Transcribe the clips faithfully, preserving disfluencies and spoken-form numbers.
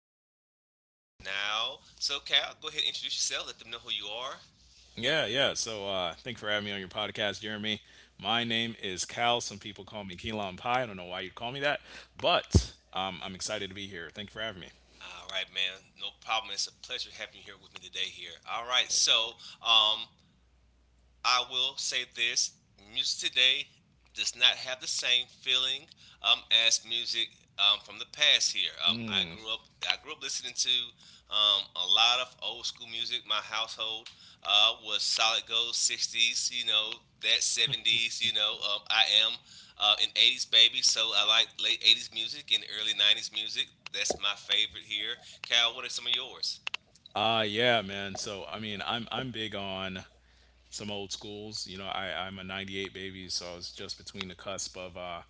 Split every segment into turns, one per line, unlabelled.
between music then and now. So, Cal, go ahead and introduce yourself. Let them know who you are.
Yeah, yeah. So uh thanks for having me on your podcast, Jeremy. My name is Cal. Some people call me Key Lime Pie. I don't know why you'd call me that, but um, I'm excited to be here. Thank you for having me.
All right, man. No problem. It's a pleasure having you here with me today. Here. All right. So, um, I will say this, music today does not have the same feeling, um, as music, um, from the past here. Um, I grew up, I grew up listening to um, a lot of old school music. My household uh, was solid gold sixties, you know, that seventies, you know. Um, I am uh, an eighties baby, so I like late eighties music and early nineties music. That's my favorite here. Cal, what are some of yours?
Uh yeah, man. So I mean, I'm I'm big on some old schools. You know, I I'm a 'ninety-eight baby, so I was just between the cusp of uh,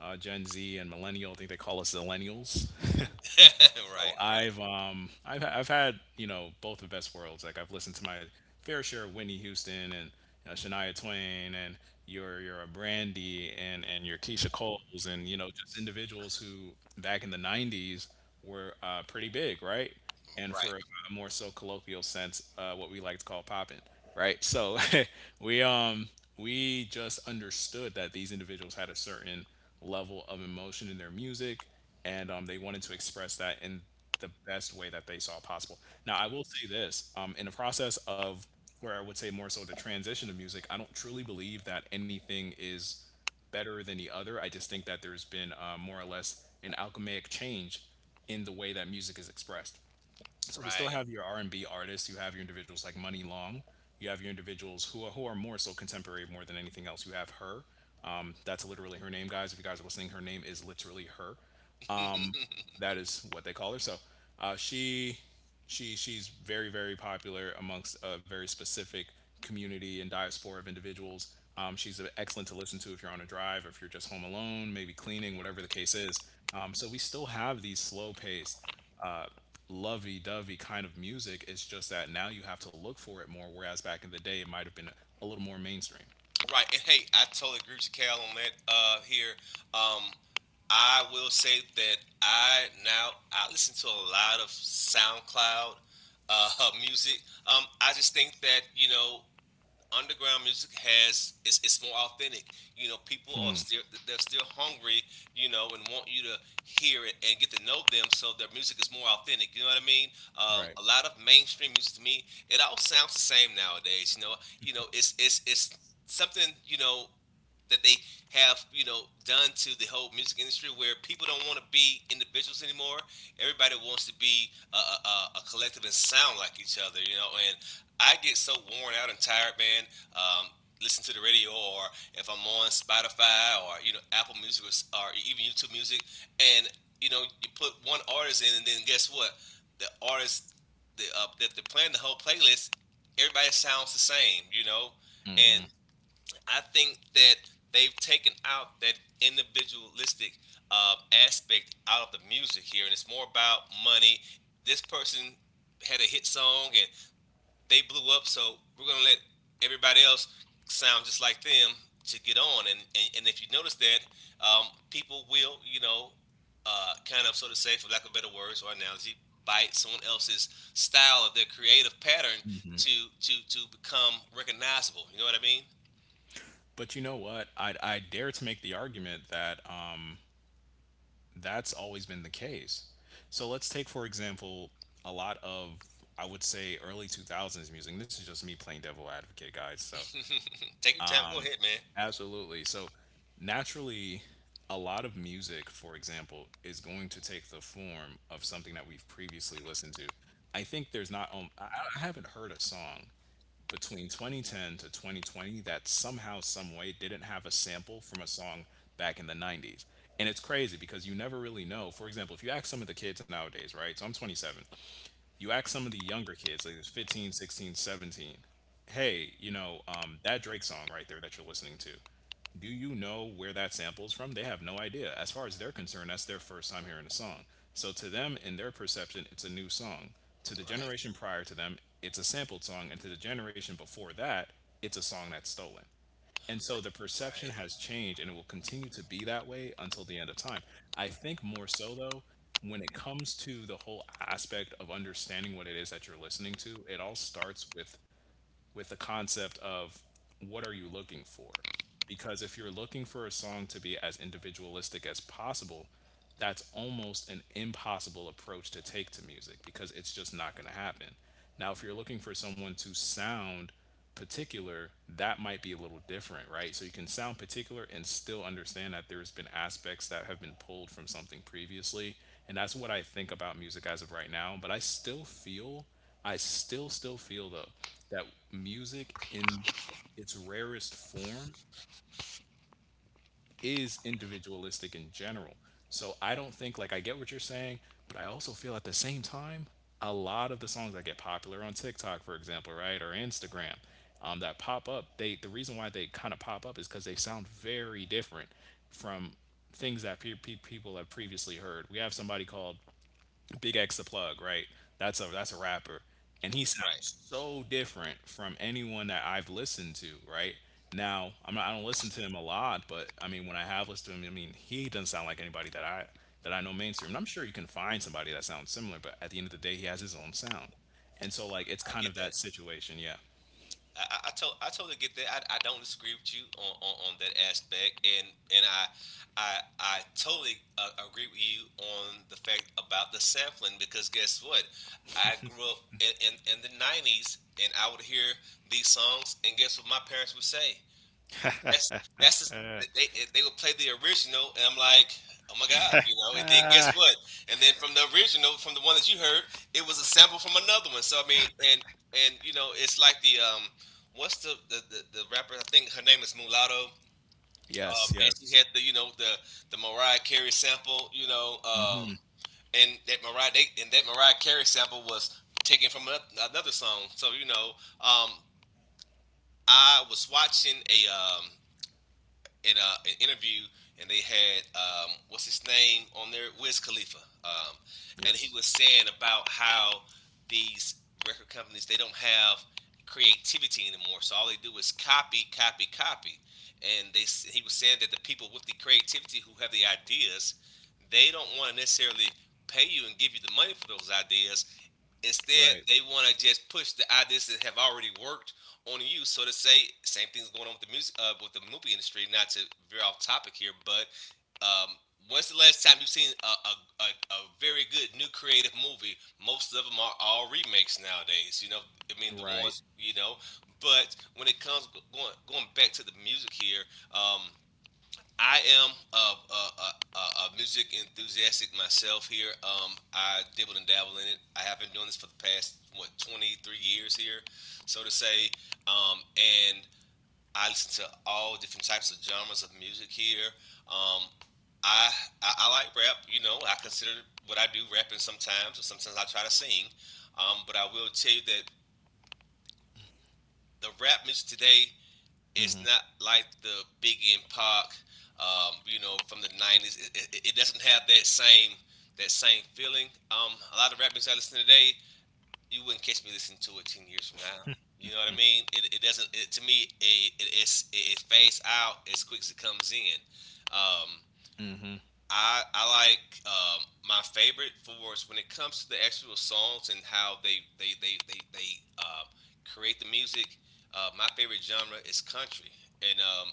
uh, Gen Z and millennial. I think they call us millennials. So
Right, right,
I've um I've I've had you know both the best worlds. Like I've listened to my fair share of Whitney Houston and, you know, Shania Twain and your your Brandy and and your Keisha Coles and, you know, just individuals who back in the nineties were uh, pretty big, right? And for
right,
a more so colloquial sense, uh, what we like to call poppin', right? So we um we just understood that these individuals had a certain level of emotion in their music, and um, they wanted to express that in the best way that they saw possible. Now, I will say this, um, in the process of where I would say more so the transition of music, I don't truly believe that anything is better than the other. I just think that there's been uh, more or less an alchemaic change in the way that music is expressed. So we still
right.
have your R and B artists, you have your individuals like Money Long, you have your individuals who are, who are more so contemporary more than anything else. You have her. Um, that's literally her name, guys. If you guys are listening, her name is literally her. That is what they call her. So uh, she she she's very very popular amongst a very specific community and diaspora of individuals. Um, she's excellent to listen to if you're on a drive, or if you're just home alone, maybe cleaning, whatever the case is. Um, so we still have these slow paced. Uh, Lovey-dovey kind of music. It's just that now you have to look for it more, whereas back in the day it might have been a little more mainstream,
Right, and hey, I totally agree with you, Cal, on that. Uh, here, um, I will say that I, now I listen to a lot of SoundCloud uh music. Um, I just think that, you know, underground music has it's, it's more authentic. You know, people are still, they're still hungry. You know, and want you to hear it and get to know them, so their music is more authentic. You know what I mean? Um,
right?
a lot of mainstream music to me, it all sounds the same nowadays. You know, you know, it's it's it's something, you know, that they have, you know, done to the whole music industry where people don't want to be individuals anymore. Everybody wants to be a, a, a collective and sound like each other, you know. And I get so worn out and tired, man. um, Listen to the radio, or if I'm on Spotify or, you know, Apple Music, or, or even YouTube Music, and, you know, you put one artist in and then guess what? The artist, the, uh, that they're playing the whole playlist, everybody sounds the same, you know. And I think that they've taken out that individualistic uh, aspect out of the music here, and it's more about money. This person had a hit song and they blew up, so we're gonna let everybody else sound just like them to get on. And and, and if you notice that, um, people will, you know, uh, kind of, so to say, for lack of better words or analogy, bite someone else's style of their creative pattern to to to become recognizable. You know what I mean?
But you know what? I I dare to make the argument that that's always been the case. So let's take, for example, a lot of, I would say, early two thousands music. And this is just me playing devil advocate, guys. So,
Take your time. Go ahead, man.
absolutely. So, naturally, a lot of music, for example, is going to take the form of something that we've previously listened to. I think there's not, um, I I haven't heard a song between twenty ten to twenty twenty that somehow, some way didn't have a sample from a song back in the nineties. And it's crazy because you never really know. For example, if you ask some of the kids nowadays, right? So I'm twenty-seven, you ask some of the younger kids, like there's fifteen sixteen seventeen, hey, you know, um, that Drake song right there that you're listening to, do you know where that sample's from? They have no idea. As far as they're concerned, that's their first time hearing a song, so to them, in their perception, it's a new song. To the
Right,
generation prior to them, it's a sampled song, and to the generation before that, it's a song that's stolen. And so the perception
right,
has changed, and it will continue to be that way until the end of time. I think more so though, when it comes to the whole aspect of understanding what it is that you're listening to, it all starts with with the concept of, what are you looking for? Because if you're looking for a song to be as individualistic as possible, that's almost an impossible approach to take to music because it's just not going to happen. Now, if you're looking for someone to sound particular, that might be a little different, right? So you can sound particular and still understand that there's been aspects that have been pulled from something previously. And that's what I think about music as of right now. But I still feel, I still, still feel though, that music in its rarest form is individualistic in general. So I don't think, like, I get what you're saying, but I also feel at the same time, a lot of the songs that get popular on TikTok, for example, right, or Instagram, um, that pop up, they the reason why they kind of pop up is because they sound very different from things that pe- pe- people have previously heard. We have somebody called Big X the Plug, right? That's a that's a rapper, and he
right.
sounds so different from anyone that I've listened to, right? Now I'm not, I don't listen to him a lot, but I mean when I have listened to him, I mean he doesn't sound like anybody that I that I know mainstream. And I'm sure you can find somebody that sounds similar, but at the end of the day, he has his own sound, and so like it's
I
kind
get
of
that.
that situation, yeah.
I, I, I, to- I totally get that. I, I don't disagree with you on, on, on that aspect, and and I I I totally uh, agree with you on the fact about the sampling, because guess what? I grew up in, in, in the nineties, and I would hear these songs, and guess what my parents would say? That's that's just,
Uh,
they they would play the original, and I'm like, oh my god, you know. And then guess
ah,
what? And then from the original, from the one that you heard, it was a sample from another one. So I mean, and and you know, it's like the um, what's the the the, the rapper? I think her name is Mulatto. Um,
Yes,
and she
yes.
had the, you know, the the Mariah Carey sample, you know, um,
Mm-hmm.
and that Mariah they, and that Mariah Carey sample was taken from anoth- another song. So, you know, um, I was watching a um in a an interview, and they had, um, what's his name on there, Wiz Khalifa, um, and he
Yes.
was saying about how these record companies, they don't have creativity anymore, so all they do is copy, copy, copy, and they he was saying that the people with the creativity, who have the ideas, they don't want to necessarily pay you and give you the money for those ideas. Instead,
Right.
they want to just push the ideas that have already worked on you, so to say. Same thing's going on with the music, uh, with the movie industry. Not to veer off topic here, but um, when's the last time you've seen a, a, a, a very good new creative movie? Most of them are all remakes nowadays. You know, I mean the
Right.
ones you know. But when it comes, going going back to the music here, um, I am a, a, a, a- music enthusiastic myself here. Um, I dibble and dabble in it. I have been doing this for the past, what, twenty-three years here, so to say. Um, and I listen to all different types of genres of music here. Um, I, I I like rap. You know, I consider what I do rapping sometimes, or sometimes I try to sing. Um, but I will tell you that the rap music today,
Mm-hmm.
it's not like the Biggie and Pac, um, you know, from the nineties. It, it, it doesn't have that same, that same feeling. Um, a lot of rap music I listen to today, you wouldn't catch me listening to it ten years from now. You know what I mean? It, it doesn't. It, to me, it, it it's it, it fades out as quick as it comes in. Um,
Mm-hmm.
I I like, um, my favorite for is when it comes to the actual songs and how they they they they, they um, create the music. Uh, my favorite genre is country, and um,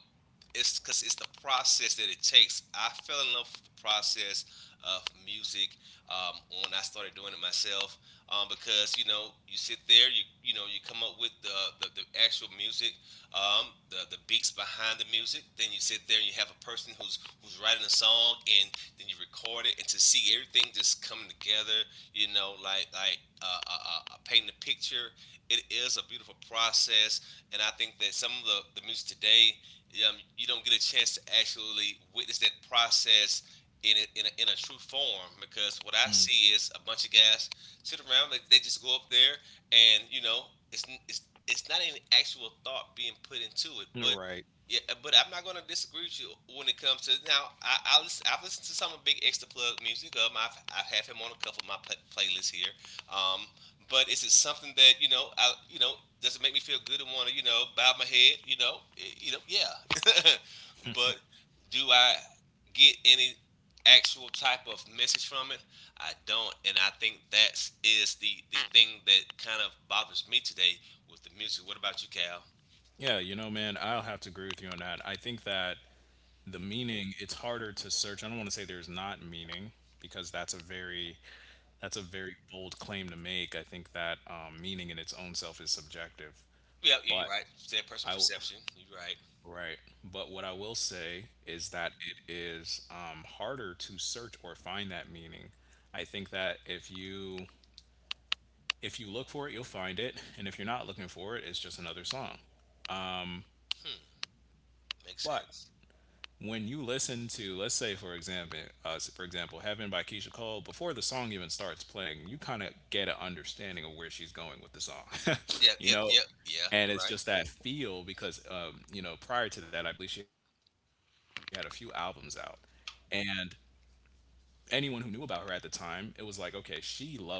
it's because it's the process that it takes. I fell in love with the process of music um, when I started doing it myself, um, because, you know, you sit there, you you know, you come up with the the, the actual music, um, the the beats behind the music. Then you sit there and you have a person who's who's writing a song, and then you record it, and to see everything just coming together, you know, like like uh, uh, uh, uh, painting a picture. It is a beautiful process, and I think that some of the the music today, um, you don't get a chance to actually witness that process. In a, in, a, in a true form, because what I see is a bunch of guys sit around, they, they just go up there and, you know, it's it's it's not any actual thought being put into it, but.
Mm. Right.
Yeah, but I'm not gonna disagree with you when it comes to now. I, I listen, I've listened to some of Big X to plug music. Of. I've I've had him on a couple of my pl- playlists here. Um, but is it something that, you know? I, you know, does it make me feel good and want to, you know, bow my head? You know, eh, you know, yeah. But do I get any actual type of message from it? I don't, and I think that's is the the thing that kind of bothers me today with the music. What about you, Cal?
Yeah, you know, man, I'll have to agree with you on that. I think that the meaning, it's harder to search. I don't want to say there's not meaning because that's a very that's a very bold claim to make. I think that um, meaning in its own self is subjective.
Yeah, yeah,
But
you're right. Third
I
person
w-
perception. You're right.
right, but what I will say is that it is, um, harder to search or find that meaning. I think that if you if you look for it, you'll find it, and if you're not looking for it, it's just another song.
Hmm, makes
But
sense.
when you listen to, let's say, for example, uh, for example Heaven by Keisha Cole, before the song even starts playing you kind of get an understanding of where she's going with the song.
Yeah,
You
yeah,
know,
yeah, yeah.
and
You're
it's
right.
just that feel because, um, you know, prior to that I believe she had a few albums out, and anyone who knew about her at the time, it was like, okay, she loves to put out like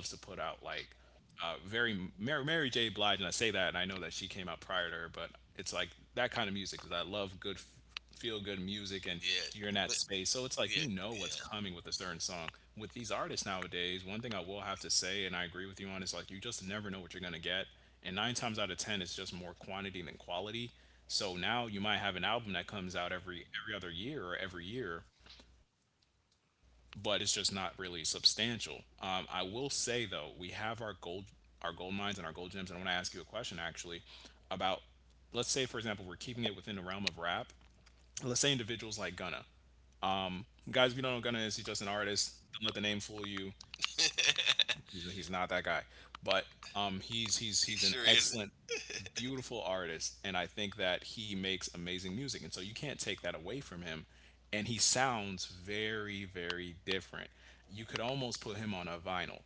uh, very Mary, Mary J. Blige, and I say that, and I know that she came out prior to her, but it's like that kind of music because I love good, f- feel good music, and you're in
Yeah,
that space.
but,
So it's like you
yeah,
know what's
yeah.
coming with a certain song. With these artists nowadays, one thing I will have to say, and I agree with you on, is like you just never know what you're gonna get. And nine times out of ten, it's just more quantity than quality. So now you might have an album that comes out every every other year or every year, but it's just not really substantial. Um, I will say though, we have our gold, our gold mines and our gold gems, and I want to ask you a question actually about, let's say for example, we're keeping it within the realm of rap. Let's say individuals like Gunna. Guys, if you don't know who Gunna is, he's just an artist. Don't let the name fool you. He's he's not that guy, but um, he's he's
He
he's an
sure is.
excellent beautiful artist, and I think that he makes amazing music, and so you can't take that away from him. And he sounds very, very different. You could almost put him on a vinyl.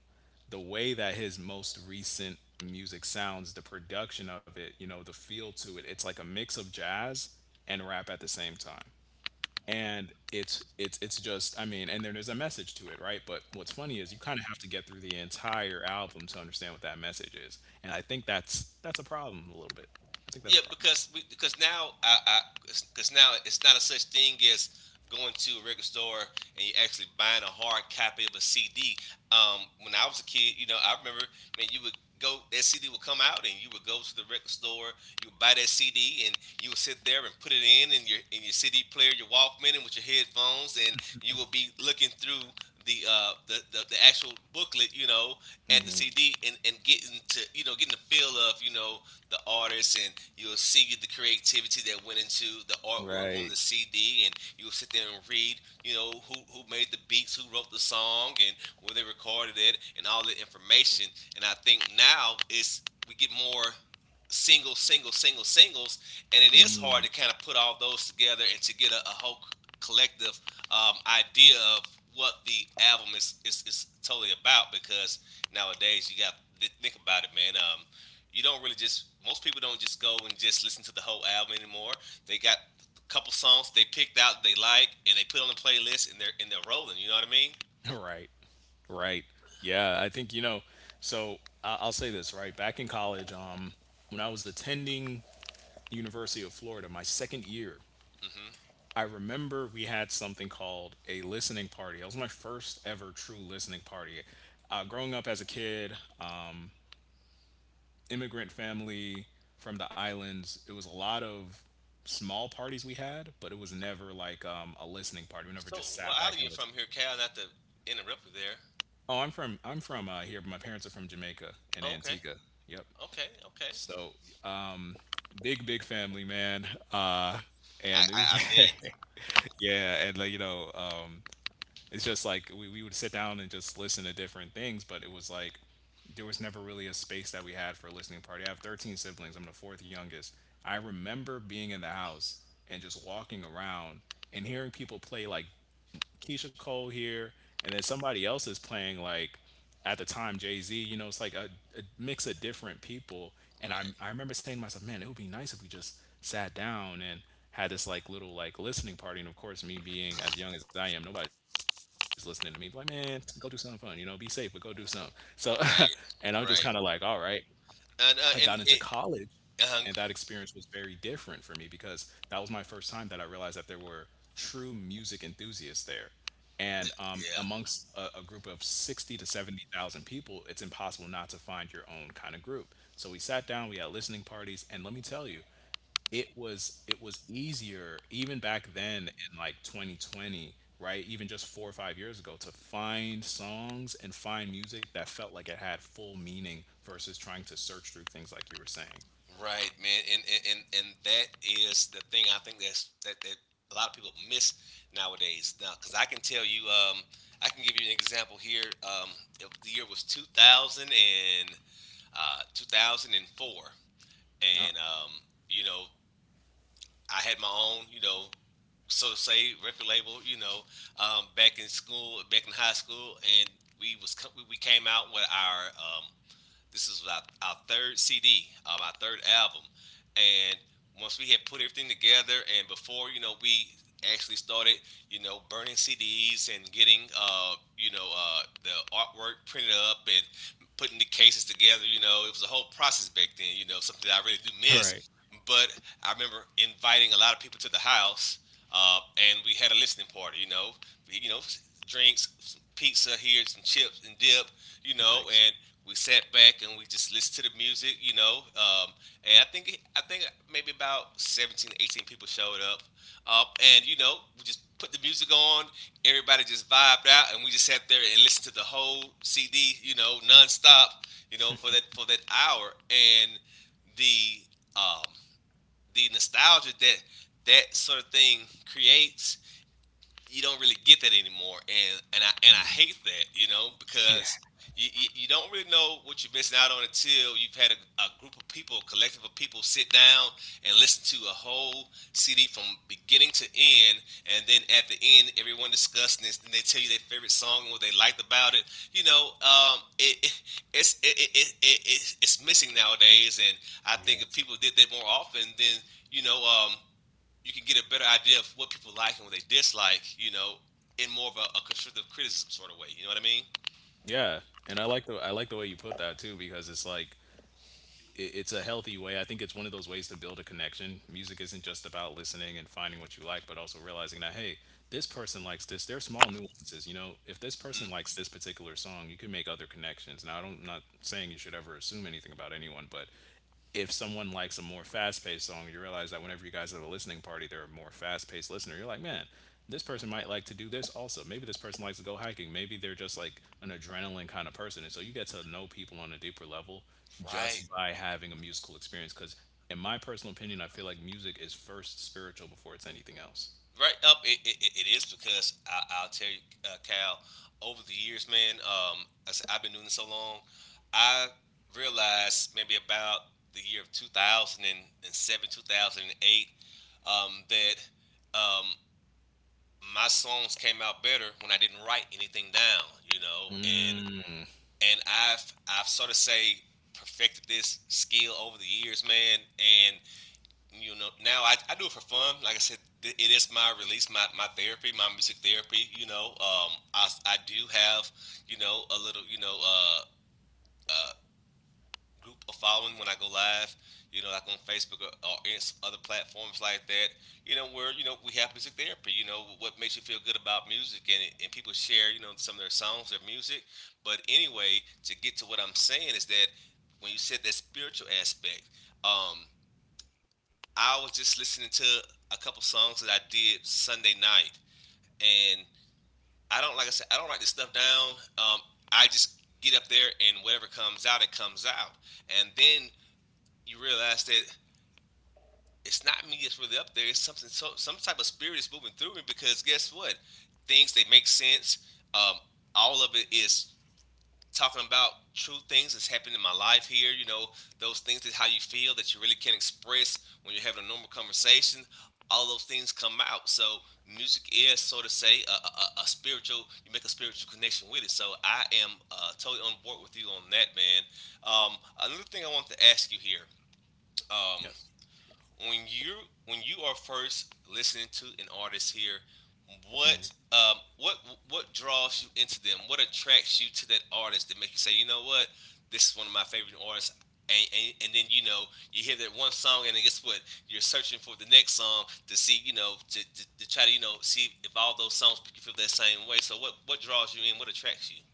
The way that his most recent music sounds, the production of it, you know, the feel to it, it's like a mix of jazz and rap at the same time. And it's, it's it's just, I mean, and then there's a message to it, right? But what's funny is you kind of have to get through the entire album to understand what that message is, and I think that's that's a problem a little bit. I think that's a
Yeah,
problem,
because we, because now I, I because now it's not a such thing as going to a record store and you actually buying a hard copy of a C D. Um, when I was a kid, you know, I remember, man, you would go, that C D would come out and you would go to the record store, you would buy that C D and you would sit there and put it in in your, in your C D player, your Walkman, and with your headphones, and you would be looking through the uh the, the, the actual booklet, you know, at the C D, and and getting to, you know, getting the feel of, you know, the artists, and you'll see the creativity that went into the artwork on
right.
the C D and you'll sit there and read, you know, who, who made the beats, who wrote the song and where they recorded it and all the information. And I think now it's we get more single, single, single, singles, and it is hard to kind of put all those together and to get a, a whole collective um, idea of what the album is, is is totally about, because nowadays you got th- think about it, man. Um, you don't really just, most people don't just go and just listen to the whole album anymore. They got a couple songs they picked out they like and they put on the playlist and they're and they're rolling. You know what I mean?
right right yeah, I think, you know, so I- I'll say this, right, back in college, um when I was attending the University of Florida my second year,
Hmm.
I remember we had something called a listening party. That was my first ever true listening party. Uh, growing up as a kid, immigrant family from the islands, it was a lot of small parties we had, but it was never like, um, a listening party. We never
So
just
what
sat back
island you
and listened.
from here, Cal? Not to interrupt you there.
Oh, I'm from I'm from, uh, here, but my parents are from Jamaica and
Okay,
Antigua. Yep.
okay, okay.
So, um, big big family, man. Uh,
I,
and it
I, I
was-
bet.
yeah, and like you know, um, it's just like we, we would sit down and just listen to different things, but it was like there was never really a space that we had for a listening party. I have thirteen siblings, I'm the fourth youngest. I remember being in the house and just walking around and hearing people play like Keisha Cole here, and then somebody else is playing like at the time Jay Z. You know, it's like a, a mix of different people. And I
Right,
I remember saying to myself, man, it would be nice if we just sat down and had this like little like listening party. And of course, me being as young as I am, nobody's listening to me. Like, man, go do something fun. You know, be safe, but go do something. So, and I'm
right,
just kind of like, all
right.
right. I got
And
into
uh, and
college
it,
and that
uh,
experience was very different for me because that was my first time that I realized that there were true music enthusiasts there. And um,
yeah.
Amongst a, a group of sixty to seventy thousand people, it's impossible not to find your own kind of group. So we sat down, we had listening parties, and let me tell you, it was it was easier even back then in like twenty twenty, right? Even just four or five years ago to find songs and find music that felt like it had full meaning versus trying to search through things like you were saying.
Right, man, and and and, that is the thing I think that's that, that a lot of people miss nowadays. Now, because I can tell you, um, I can give you an example here. Um, it- the year was two thousand and uh, two thousand four, and four,
Uh,
and um, you know, I had my own, you know, so to say, record label. You know, um, back in school, back in high school, and we was co- we we came out with our um, this is our, our third C D, uh, our third album, and once we had put everything together, and before you know, we actually started, you know, burning C Ds and getting, uh, you know, uh, the artwork printed up and putting the cases together. You know, it was a whole process back then. You know, something that I really do
Right.
miss. But I remember inviting a lot of people to the house, uh, and we had a listening party. You know, we, you know, drinks, some pizza here, some chips and dip, you know,
Nice.
and we sat back and we just listened to the music, you know, um, and I think I think maybe about seventeen, eighteen people showed up, um, and you know, we just put the music on, everybody just vibed out, and we just sat there and listened to the whole C D, you know, nonstop, you know, for that for that hour, and the um, the nostalgia that that sort of thing creates you don't really get that anymore, and and I and I
Mhm.
hate that, you know,
Yeah.
because you, you, you don't really know what you're missing out on until you've had a, a group of people, a collective of people, sit down and listen to a whole C D from beginning to end, and then at the end, everyone discussing this, and they tell you their favorite song and what they liked about it. You know, um, it, it it's it, it, it, it it's missing nowadays, and I think
Yeah.
if people did that more often, then you know, um, you can get a better idea of what people like and what they dislike, you know, in more of a, a constructive criticism sort of way. You know what I mean?
Yeah, and I like the I like the way you put that too because it's like it, it's a healthy way. I think it's one of those ways to build a connection. Music isn't just about listening and finding what you like, but also realizing that hey, this person likes this. There are small nuances, you know. If this
Mm-hmm.
person likes this particular song, you can make other connections. Now, I don't, I'm not saying you should ever assume anything about anyone, but if someone likes a more fast-paced song, you realize that whenever you guys have a listening party, they're a more fast-paced listener. You're like, man, this person might like to do this also. Maybe this person likes to go hiking. Maybe they're just like an adrenaline kind of person, and so you get to know people on a deeper level
Right.
just by having a musical experience. Because in my personal opinion, I feel like music is first spiritual before it's anything else.
Right up, it, it, it is because I, I'll tell you, uh, Cal. Over the years, man, um, I said, I've been doing this so long. I realized maybe about the year of two thousand seven, two thousand eight, um, that um, my songs came out better when I didn't write anything down, you know, and
Mm,
and I've I've sort of say perfected this skill over the years, man. And you know, now I, I do it for fun. Like I said, th- it is my release, my, my therapy, my music therapy. You know, um, I I do have you know a little you know uh, uh group of following when I go live, you know, like on Facebook or, or other platforms like that, you know, where, you know, we have music therapy, you know, what makes you feel good about music and, and people share, you know, some of their songs, their music. But anyway, to get to what I'm saying is that when you said that spiritual aspect, um, I was just listening to a couple songs that I did Sunday night and I don't, like I said, I don't write this stuff down. Um, I just get up there and whatever comes out, it comes out. And then you realize that it's not me that's really up there. It's something, so, some type of spirit is moving through me because guess what? Things they make sense. Um, all of it is talking about true things that's happened in my life here. You know, those things that how you feel that you really can't express when you're having a normal conversation. All those things come out. So music is, so to say, a, a, a spiritual. You make a spiritual connection with it. So I am uh, totally on board with you on that, man. Um, another thing I want to ask you here.
yes.
Um, when you when you are first listening to an artist here,
Mm.
what um what what draws you into them? What attracts you to that artist that make you say, you know what, this is one of my favorite artists. And, and, and then you know you hear that one song and then guess what you're searching for the next song to see you know to, to, to try to you know see if all those songs make you feel that same way so what what draws you in what attracts you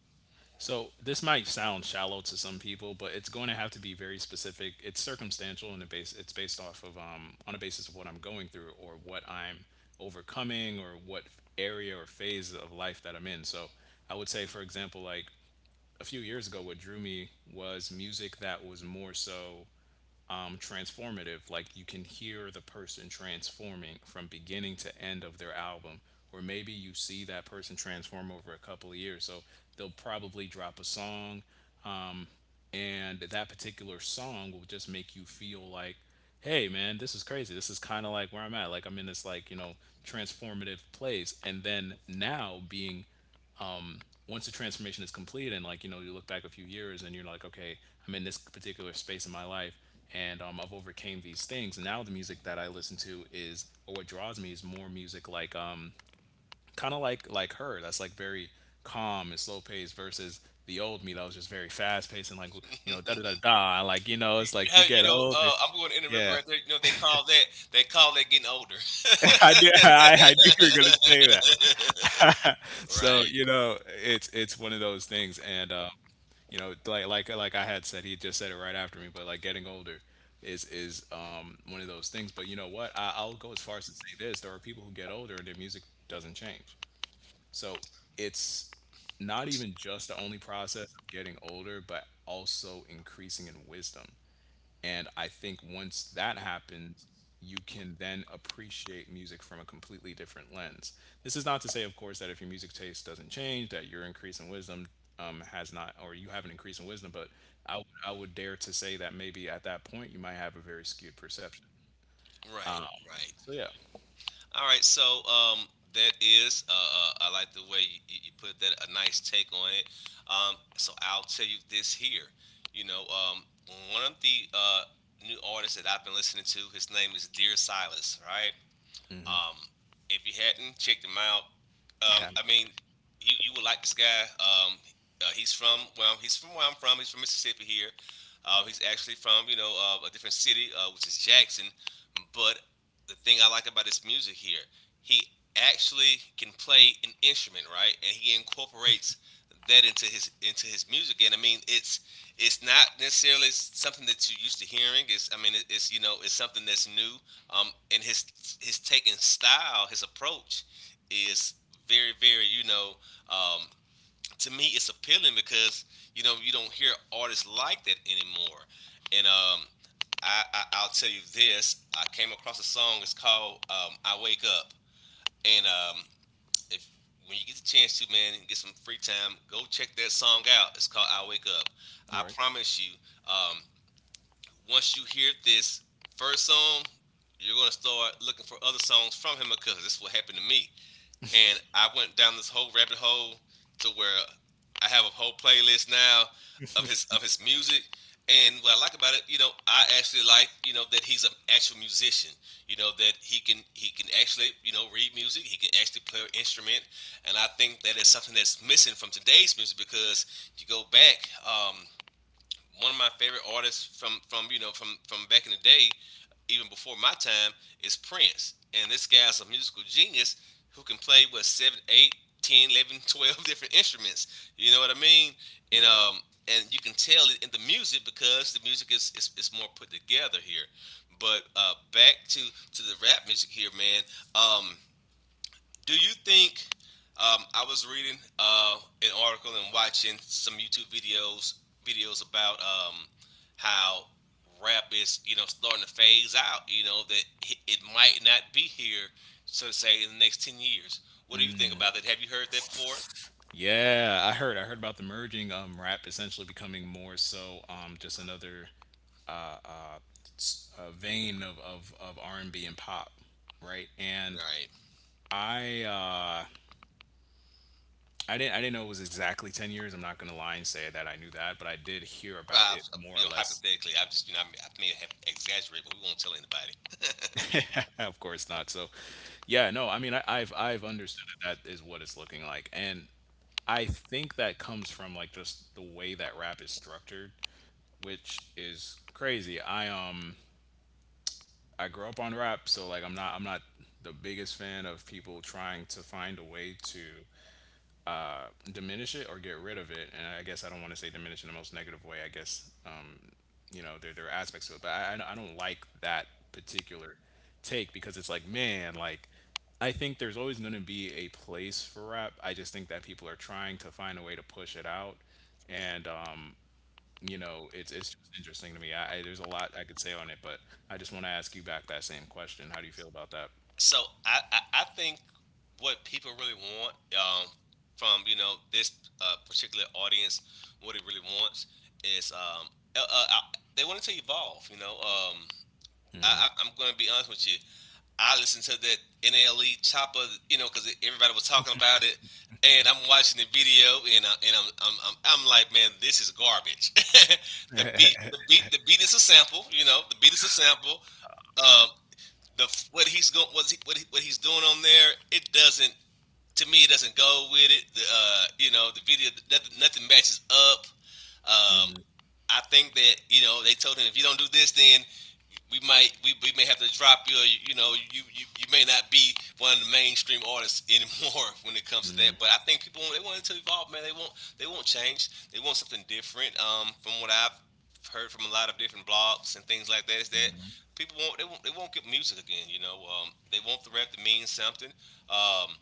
So this might sound shallow to some people, but it's going to have to be very specific. It's circumstantial and it base it's based off of um on a basis of what I'm going through or what I'm overcoming or what area or phase of life that I'm in. So I would say, for example, like a few years ago, what drew me was music that was more so um, transformative. Like you can hear the person transforming from beginning to end of their album, or maybe you see that person transform over a couple of years. So they'll probably drop a song, and that particular song will just make you feel like, hey, man, this is crazy. This is kind of like where I'm at. Like I'm in this like you know transformative place, and then now being um, once the transformation is complete and like you know you look back a few years and you're like okay, I'm in this particular space in my life and um, I've overcame these things, and now the music that I listen to is or what draws me is more music like um, kind of like like her, that's like very calm and slow paced versus the old me that was just very fast paced and like you know da da da
you,
da like you know. It's like you
how- you
get
know
older.
uh, I'm going to interrupt you
Yeah.
right there you know they call that they call that getting older
I knew i, I knew you were gonna say that. So you
right
know it's it's one of those things. And um, you know, like like like I had said, he had just said it right after me, but like getting older is is um one of those things. But you know what, I, I'll go as far as to say this: there are people who get older and their music doesn't change. So it's not even just the only process of getting older, but also increasing in wisdom. And I think once that happens, you can then appreciate music from a completely different lens. This is not to say, of course, that if your music taste doesn't change, that your increase in wisdom um, has not, or you have an increase in wisdom, but I, would- would dare to say that maybe at that point you might have a very skewed perception. Um,
Right, right.
so, yeah.
All right, so um, that is, uh, uh, I like the way you, you you put that, a nice take on it. Um, so I'll tell you this here. You know, um, one of the uh, new artists that I've been listening to, his name is Dear Silas, right? Um, if you hadn't checked him out, um,
Yeah.
I mean, you, you would like this guy. Um, uh, he's from well, he's from where I'm from. He's from Mississippi here. Uh, he's actually from you know uh, a different city, uh, which is Jackson. But the thing I like about his music here, he actually can play an instrument, right? And he incorporates that into his into his music. And I mean, it's it's not necessarily something that you're used to hearing. It's I mean, it's you know, it's something that's new. Um, and his his taking style, his approach is very, very, you know, um, to me it's appealing because you know you don't hear artists like that anymore. And um, I, I I'll tell you this: I came across a song. It's called um, "I Wake Up," and um, if when you get the chance to, man, and get some free time, go check that song out. It's called "I Wake Up." I
All right.
promise you, um, once you hear this first song, you're gonna start looking for other songs from him because this is what happened to me. And I went down this whole rabbit hole to where I have a whole playlist now of his of his music. And what I like about it, you know, I actually like, you know, that he's an actual musician. You know that he can he can actually, you know, read music. He can actually play an instrument. And I think that is something that's missing from today's music because you go back, um, one of my favorite artists from from you know from from back in the day, even before my time, is Prince. And this guy's a musical genius who can play what seven, eight, ten, eleven, twelve different instruments. You know what I mean? And
Right.
um and you can tell it in the music because the music is is, is more put together here. But uh back to to the rap music here, man. Um do you think? Um, I was reading uh, an article and watching some YouTube videos videos about um, how rap is you know starting to phase out. You know that it it might not be here, so to say, in the next ten years. What do you think about that? Have you heard that before?
Yeah, I heard. I heard about the merging. Um, rap essentially becoming more so. Um, just another uh, uh, s- uh vein of of of R and B and pop, right? And
Right.
I uh, I didn't I didn't know it was exactly ten years. I'm not gonna lie and say that I knew that, but I did hear
Well,
about
I've,
it
you
more
know,
or less.
hypothetically, i just you know I may, I may have exaggerated, but we won't tell anybody.
Of course not. So, yeah, no. I mean, I, I've I've understood that that is what it's looking like, and I think that comes from like just the way that rap is structured, which is crazy. I um I grew up on rap, so like I'm not I'm not the biggest fan of people trying to find a way to diminish it or get rid of it. And I guess I don't want to say diminish in the most negative way. I guess uh, you know there there are aspects to it, but I I I don't like that particular take, because it's like, man, like I think there's always going to be a place for rap. I just think that people are trying to find a way to push it out, and um, you know, it's it's just interesting to me. I, I there's a lot I could say on it, but I just want to ask you back that same question. How do you feel about that?
So I, I, I think what people really want um, from you know this uh, particular audience, what it really wants is um, uh, uh, uh, they want to evolve. You know, um, I, I- I'm going to be honest with you. I listened to that N L E Chopper, you know, because everybody was talking about it, and I'm watching the video, and I, and I'm, I'm I'm I'm like, man, this is garbage. the beat, the beat, the beat is a sample. You know, the beat is a sample.
Yeah.
Um, the what he's going what he, what, he, what he's doing on there, it doesn't to me it doesn't go with it, the uh you know the video, nothing, nothing matches up um i think that you know they told him if you don't do this then we might we, we may have to drop you. or You, you know, you, you you may not be one of the mainstream artists anymore when it comes to that. But I think people they want it to evolve, man. They want they want change. They want something different. Um, from what I've heard from a lot of different blogs and things like that, is that people want, they want, they won't get music again. You know, um, they want the rap to mean something. Um,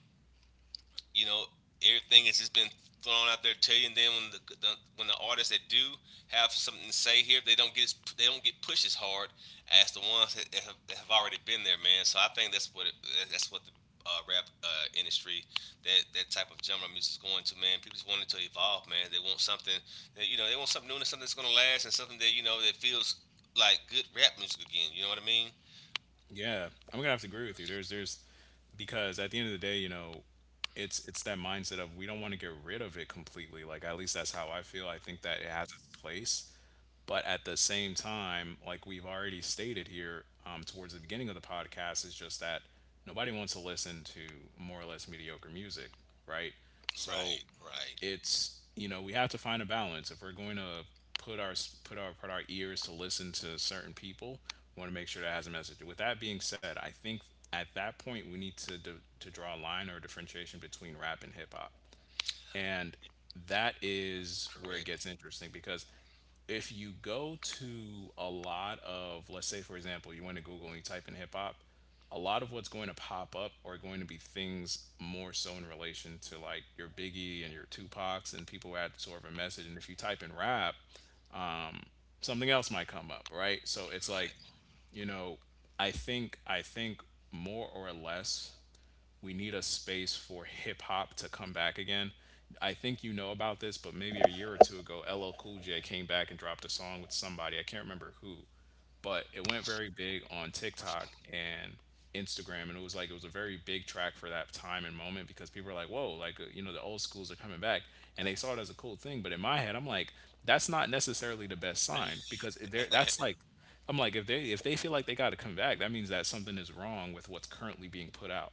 you know, everything has just been thrown out there to you. And then when the, the when the artists that do have something to say here, they don't get as, they don't get pushed as hard as the ones that have, that have already been there, man. So I think that's what it, that's what the uh, rap uh, industry, that that type of genre of music is going to, man. People just want it to evolve, man. They want something, that, you know, they want something new and something that's gonna last and something that you know that feels like good rap music again. You know what I mean?
Yeah, I'm gonna have to agree with you. There's there's because at the end of the day, you know, it's it's that mindset of we don't want to get rid of it completely. Like at least that's how I feel. I think that it has its place, but at the same time, like we've already stated here um, towards the beginning of the podcast, is just that nobody wants to listen to more or less mediocre music, right? So
Right, right,
it's you know, we have to find a balance. If we're going to put our put our put our ears to listen to certain people, we want to make sure that has a message. With that being said, I think at that point we need to d- to draw a line or differentiation between rap and hip hop. And that is where it gets
correct,
interesting, because if you go to a lot of, let's say, for example, you went to Google and you type in hip hop, a lot of what's going to pop up are going to be things more so in relation to like your Biggie and your Tupacs and people who had sort of a message. And if you type in rap, something else might come up, right? So it's like,
right.
you know, I think I think more or less we need a space for hip hop to come back again. I think you know about this, but maybe a year or two ago, L L Cool J came back and dropped a song with somebody. I can't remember who, but it went very big on TikTok and Instagram. And it was like, it was a very big track for that time and moment because people were like, whoa, like, uh, you know, the old schools are coming back. And they saw it as a cool thing. But in my head, I'm like, that's not necessarily the best sign, because there, that's like, I'm like, if they if they feel like they got to come back, that means that something is wrong with what's currently being put out,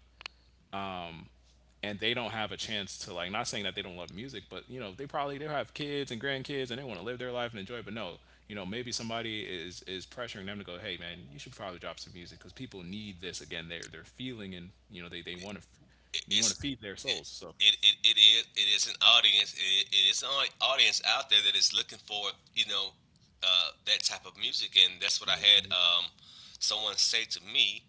and they don't have a chance to like, not saying that they don't love music, but you know they probably, they have kids and grandkids and they want to live their life and enjoy it. But no, you know, maybe somebody is is pressuring them to go, hey man, you should probably drop some music because people need this again. they're they're feeling, and you know, they they want to,
it-
you want
it's
to feed their souls. So
it, it, it, it is it is an audience it, it is an au- audience out there that is looking for you know uh, that type of music, and that's what I had um, someone say to me.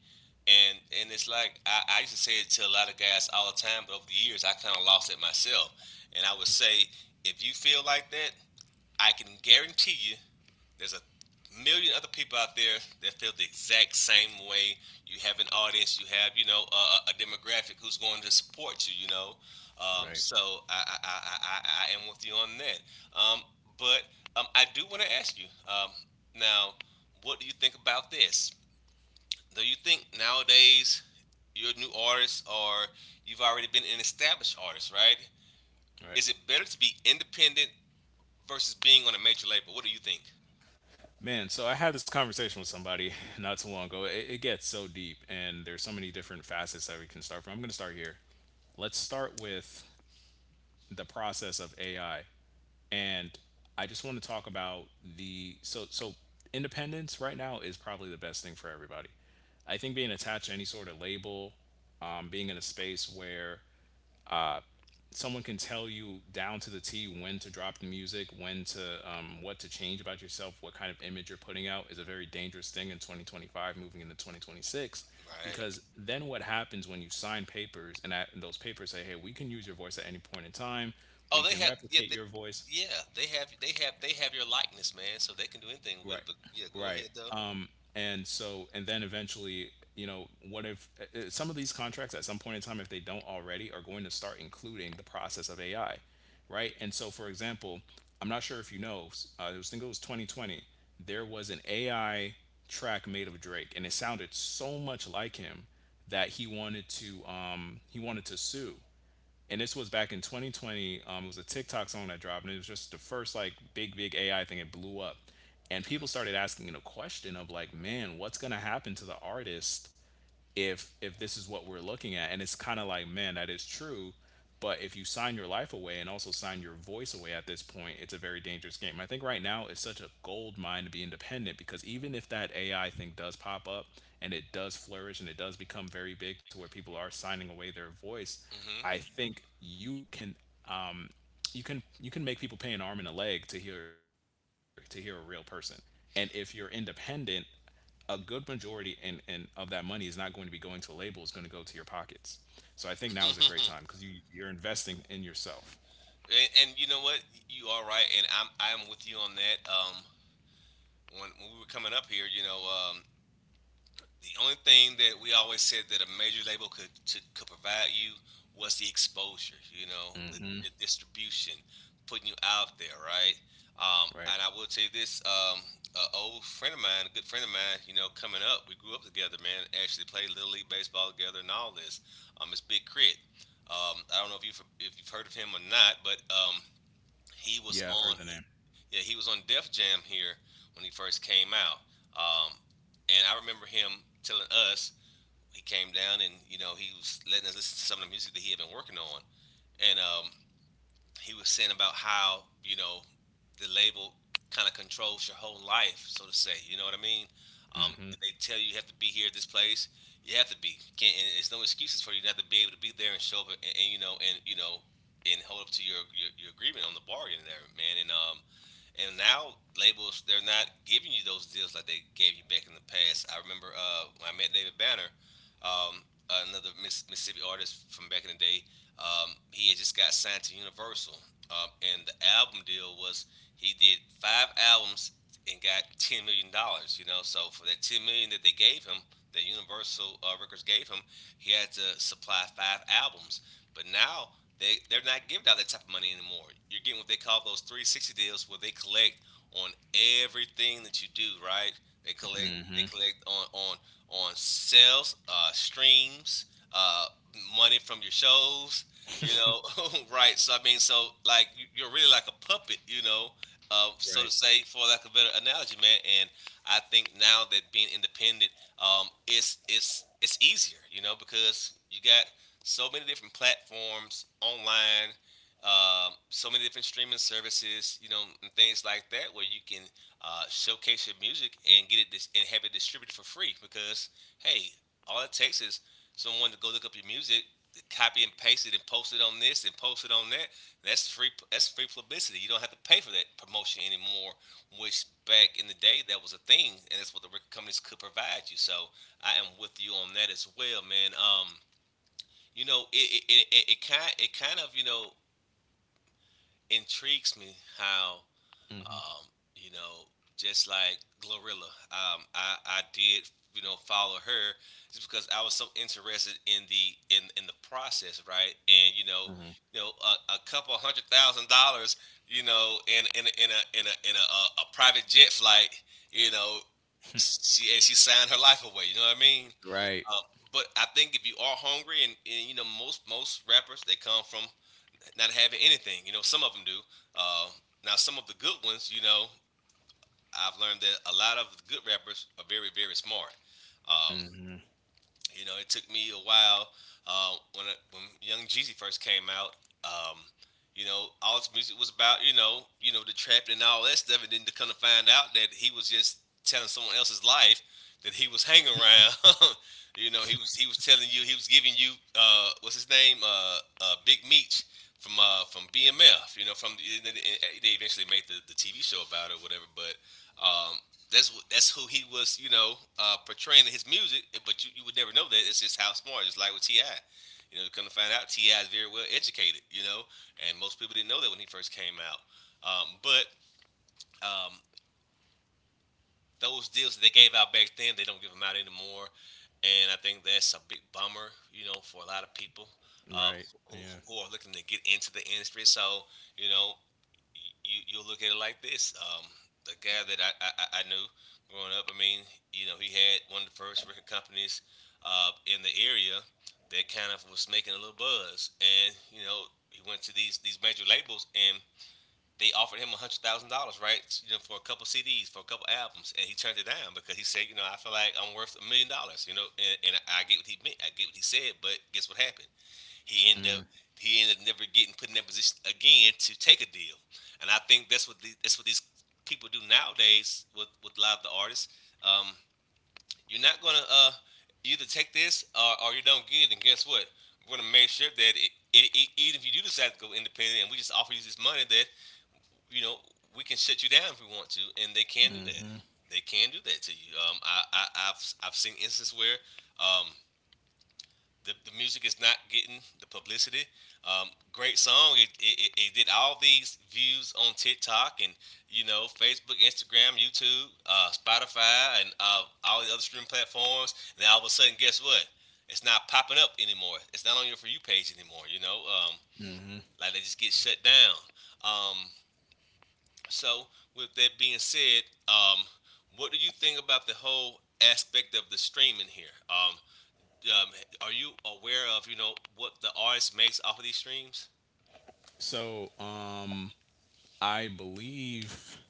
and and it's like I, I used to say it to a lot of guys all the time, but over the years I kind of lost it myself, and I would say if you feel like that, I can guarantee you there's a million other people out there that feel the exact same way. You have an audience, you have you know a, a demographic who's going to support you. You know, um,
right,
so I I, I I I I am with you on that. Um, but um, I do want to ask you um, now, what do you think about this? Do you think nowadays you're new artists or you've already been an established artist, right?
right,
Is it better to be independent versus being on a major label? What do you think?
man. So I had this conversation with somebody not too long ago. It, it gets so deep and there's so many different facets that we can start from. I'm going to start here. Let's start with the process of A I. And I just want to talk about the so so independence right now is probably the best thing for everybody. I think being attached to any sort of label, um, being in a space where someone can tell you down to the T when to drop the music, when to um, what to change about yourself, what kind of image you're putting out is a very dangerous thing in twenty twenty-five, moving into twenty twenty-six. Because
Right.
then what happens when you sign papers and, at, and those papers say, hey, we can use your voice at any point in time, we
Oh,
can
they have, yeah,
replicate your
they,
voice.
yeah. They have they have they have your likeness, man. So they can do anything
Right,
with it. But yeah, go
right.
ahead though.
Um, and so, and then eventually, you know, what if uh, uh, some of these contracts at some point in time, if they don't already, are going to start including the process of A I, right? And so, for example, I'm not sure if you know, s- uh, it was, I think it was twenty twenty, there was an A I track made of Drake, and it sounded so much like him that he wanted to, um, he wanted to sue, and this was back in twenty twenty. Um, it was a TikTok song that dropped, and it was just the first like big, big A I thing. It blew up, and people started asking the question of like, man, what's gonna happen to the artist if if this is what we're looking at. And it's kind of like, man, that is true, but if you sign your life away and also sign your voice away at this point, it's a very dangerous game. I think right now it's such a gold mine to be independent, because even if that AI thing does pop up and it does flourish and it does become very big to where people are signing away their voice,
Hmm.
I think you can, um you can you can make people pay an arm and a leg to hear to hear a real person. And if you're independent, a good majority and, and of that money is not going to be going to a label. It's going to go to your pockets. So I think now is a great time, because
and,
you you're investing in yourself.
and you know what? You are right, and I'm I'm with you on that. Um, when, when we were coming up here, you know, um, the only thing that we always said that a major label could to, could provide you was the exposure, you know, the,
Hmm.
the distribution, putting you out there, right? Um,
Right.
and I will tell you this: um, a old friend of mine, a good friend of mine, you know, coming up, we grew up together, man. Actually played little league baseball together and all this. Um, it's Big Crit. Um, I don't know if you if you've heard of him or not, but um, he was
Yeah, I've heard
on.
the name.
Yeah, he was on Def Jam here when he first came out, um, and I remember him telling us he came down, and you know he was letting us listen to some of the music that he had been working on, and um, he was saying about how you know the label kind of controls your whole life, so to say. You know what I mean? Um,
Hmm.
if they tell you you have to be here at this place. You have to be. Can't, and there's no excuses for you not to be able to be there and show up, and, and you know and you know and hold up to your, your your agreement on the bargain there, man. And um, and now labels they're not giving you those deals like they gave you back in the past. I remember uh, when I met David Banner, um, another Mississippi artist from back in the day. Um, he had just got signed to Universal, um, and the album deal was he did five albums and got ten million dollars. You know, so for that ten million dollars that they gave him, that Universal uh, Records gave him, he had to supply five albums. But now they they're not giving out that type of money anymore. You're getting what they call those three sixty deals, where they collect on everything that you do. Right? They collect they collect on on on sales, uh, streams, uh, money from your shows. You know, right? So I mean, so like you- you're really like a puppet. You know, uh, so to
Right.
say, for lack of a better analogy, man. And I think now that being independent, um, it's it's it's easier. You know, because you got so many different platforms online, um, so many different streaming services, you know, and things like that, where you can uh, showcase your music and get it dis- and have it distributed for free. Because hey, all it takes is someone to go look up your music, copy and paste it, and post it on this and post it on that. That's free. That's free publicity. You don't have to pay for that promotion anymore. Which back in the day, that was a thing, and that's what the record companies could provide you. So I am with you on that as well, man. Um, you know, it it it, it kind it kind of you know intrigues me how
Hmm.
um, you know, just like Glorilla, um, I I did you know follow her just because I was so interested in the in in the process, right? And you know,
Hmm.
you know, a, a couple hundred thousand dollars, you know, in in a in a in a in a, a, a private jet flight, you know, she and she signed her life away. You know what I mean?
Right,
Um, but I think if you are hungry, and, and you know most most rappers they come from not having anything. You know some of them do. Uh, Now some of the good ones, you know, I've learned that a lot of the good rappers are very very smart. Um, you know, it took me a while uh, when I, when Young Jeezy first came out. Um, you know, all his music was about you know you know the trapping and all that stuff, and then to come to find out that he was just telling someone else's life that he was hanging around. You know, he was he was telling you he was giving you uh, what's his name, uh, uh, Big Meech from uh, from B M F. You know, from they eventually made the, the T V show about it, or whatever. But um, that's that's who he was, you know, uh, portraying in his music. eh, But you, you would never know that. It's just how smart. It's like with Ti. You know, come to find out, Ti is very well educated. You know, and most people didn't know that when he first came out. Um, but um, those deals that they gave out back then, they don't give them out anymore, and I think that's a big bummer. You know, for a lot of people uh,
right.
who,
Yeah.
who are looking to get into the industry. So you know, you you will look at it like this. Um, the guy that I, I I knew growing up, I mean, you know, he had one of the first record companies uh, in the area that kind of was making a little buzz, and you know, he went to these these major labels and. They offered him a hundred thousand dollars, right? You know, for a couple C Ds, for a couple albums, and he turned it down because he said, you know, I feel like I'm worth a million dollars, you know. And, and I get what he meant, I get what he said, but guess what happened? He ended up he ended up never getting put in that position again to take a deal. And I think that's what the, that's what these people do nowadays with with a lot of the artists. Um, you're not gonna uh, either take this, or, or you don't get it. And guess what? We're gonna make sure that it, it, it, even if you do decide to go independent, and we just offer you this money, that you know we can shut you down if we want to, and they can do that. They can do that to you. Um, I, I I've I've seen instances where um, the, the music is not getting the publicity. Um, great song. It, it, it did all these views on TikTok and you know Facebook, Instagram, YouTube, uh, Spotify, and uh, all the other streaming platforms. And then all of a sudden, guess what? It's not popping up anymore. It's not on your for you page anymore. You know, um, like they just get shut down. Um, so with that being said, um, what do you think about the whole aspect of the streaming here? Um, um, are you aware of you know what the artist makes off of these streams?
So, um i believe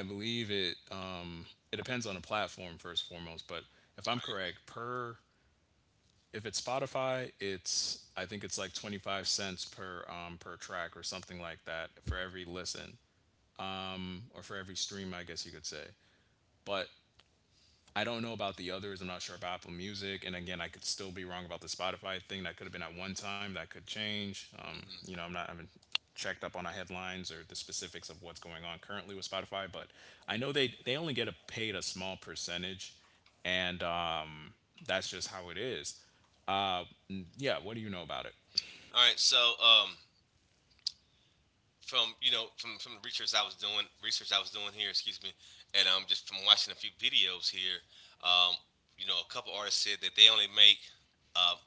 i believe it um it depends on the platform first and foremost. But if
All
I'm
right.
correct, per— If it's Spotify, it's I think it's like twenty-five cents per, um, per track or something like that, for every listen or for every stream, I guess you could say. But I don't know about the others. I'm not sure about Apple Music. And again, I could still be wrong about the Spotify thing. That could have been at one time. That could change. Um, you
Mhm.
know, I'm not. I haven't checked up on the headlines or the specifics of what's going on currently with Spotify. But I know they they only get a, paid a small percentage, and, um, that's just how it is. Uh, n- yeah. What do you know about it?
All right. So um, from you know from from the research I was doing research I was doing here, excuse me, and um, just from watching a few videos here, um, you know, a couple artists said that they only make um,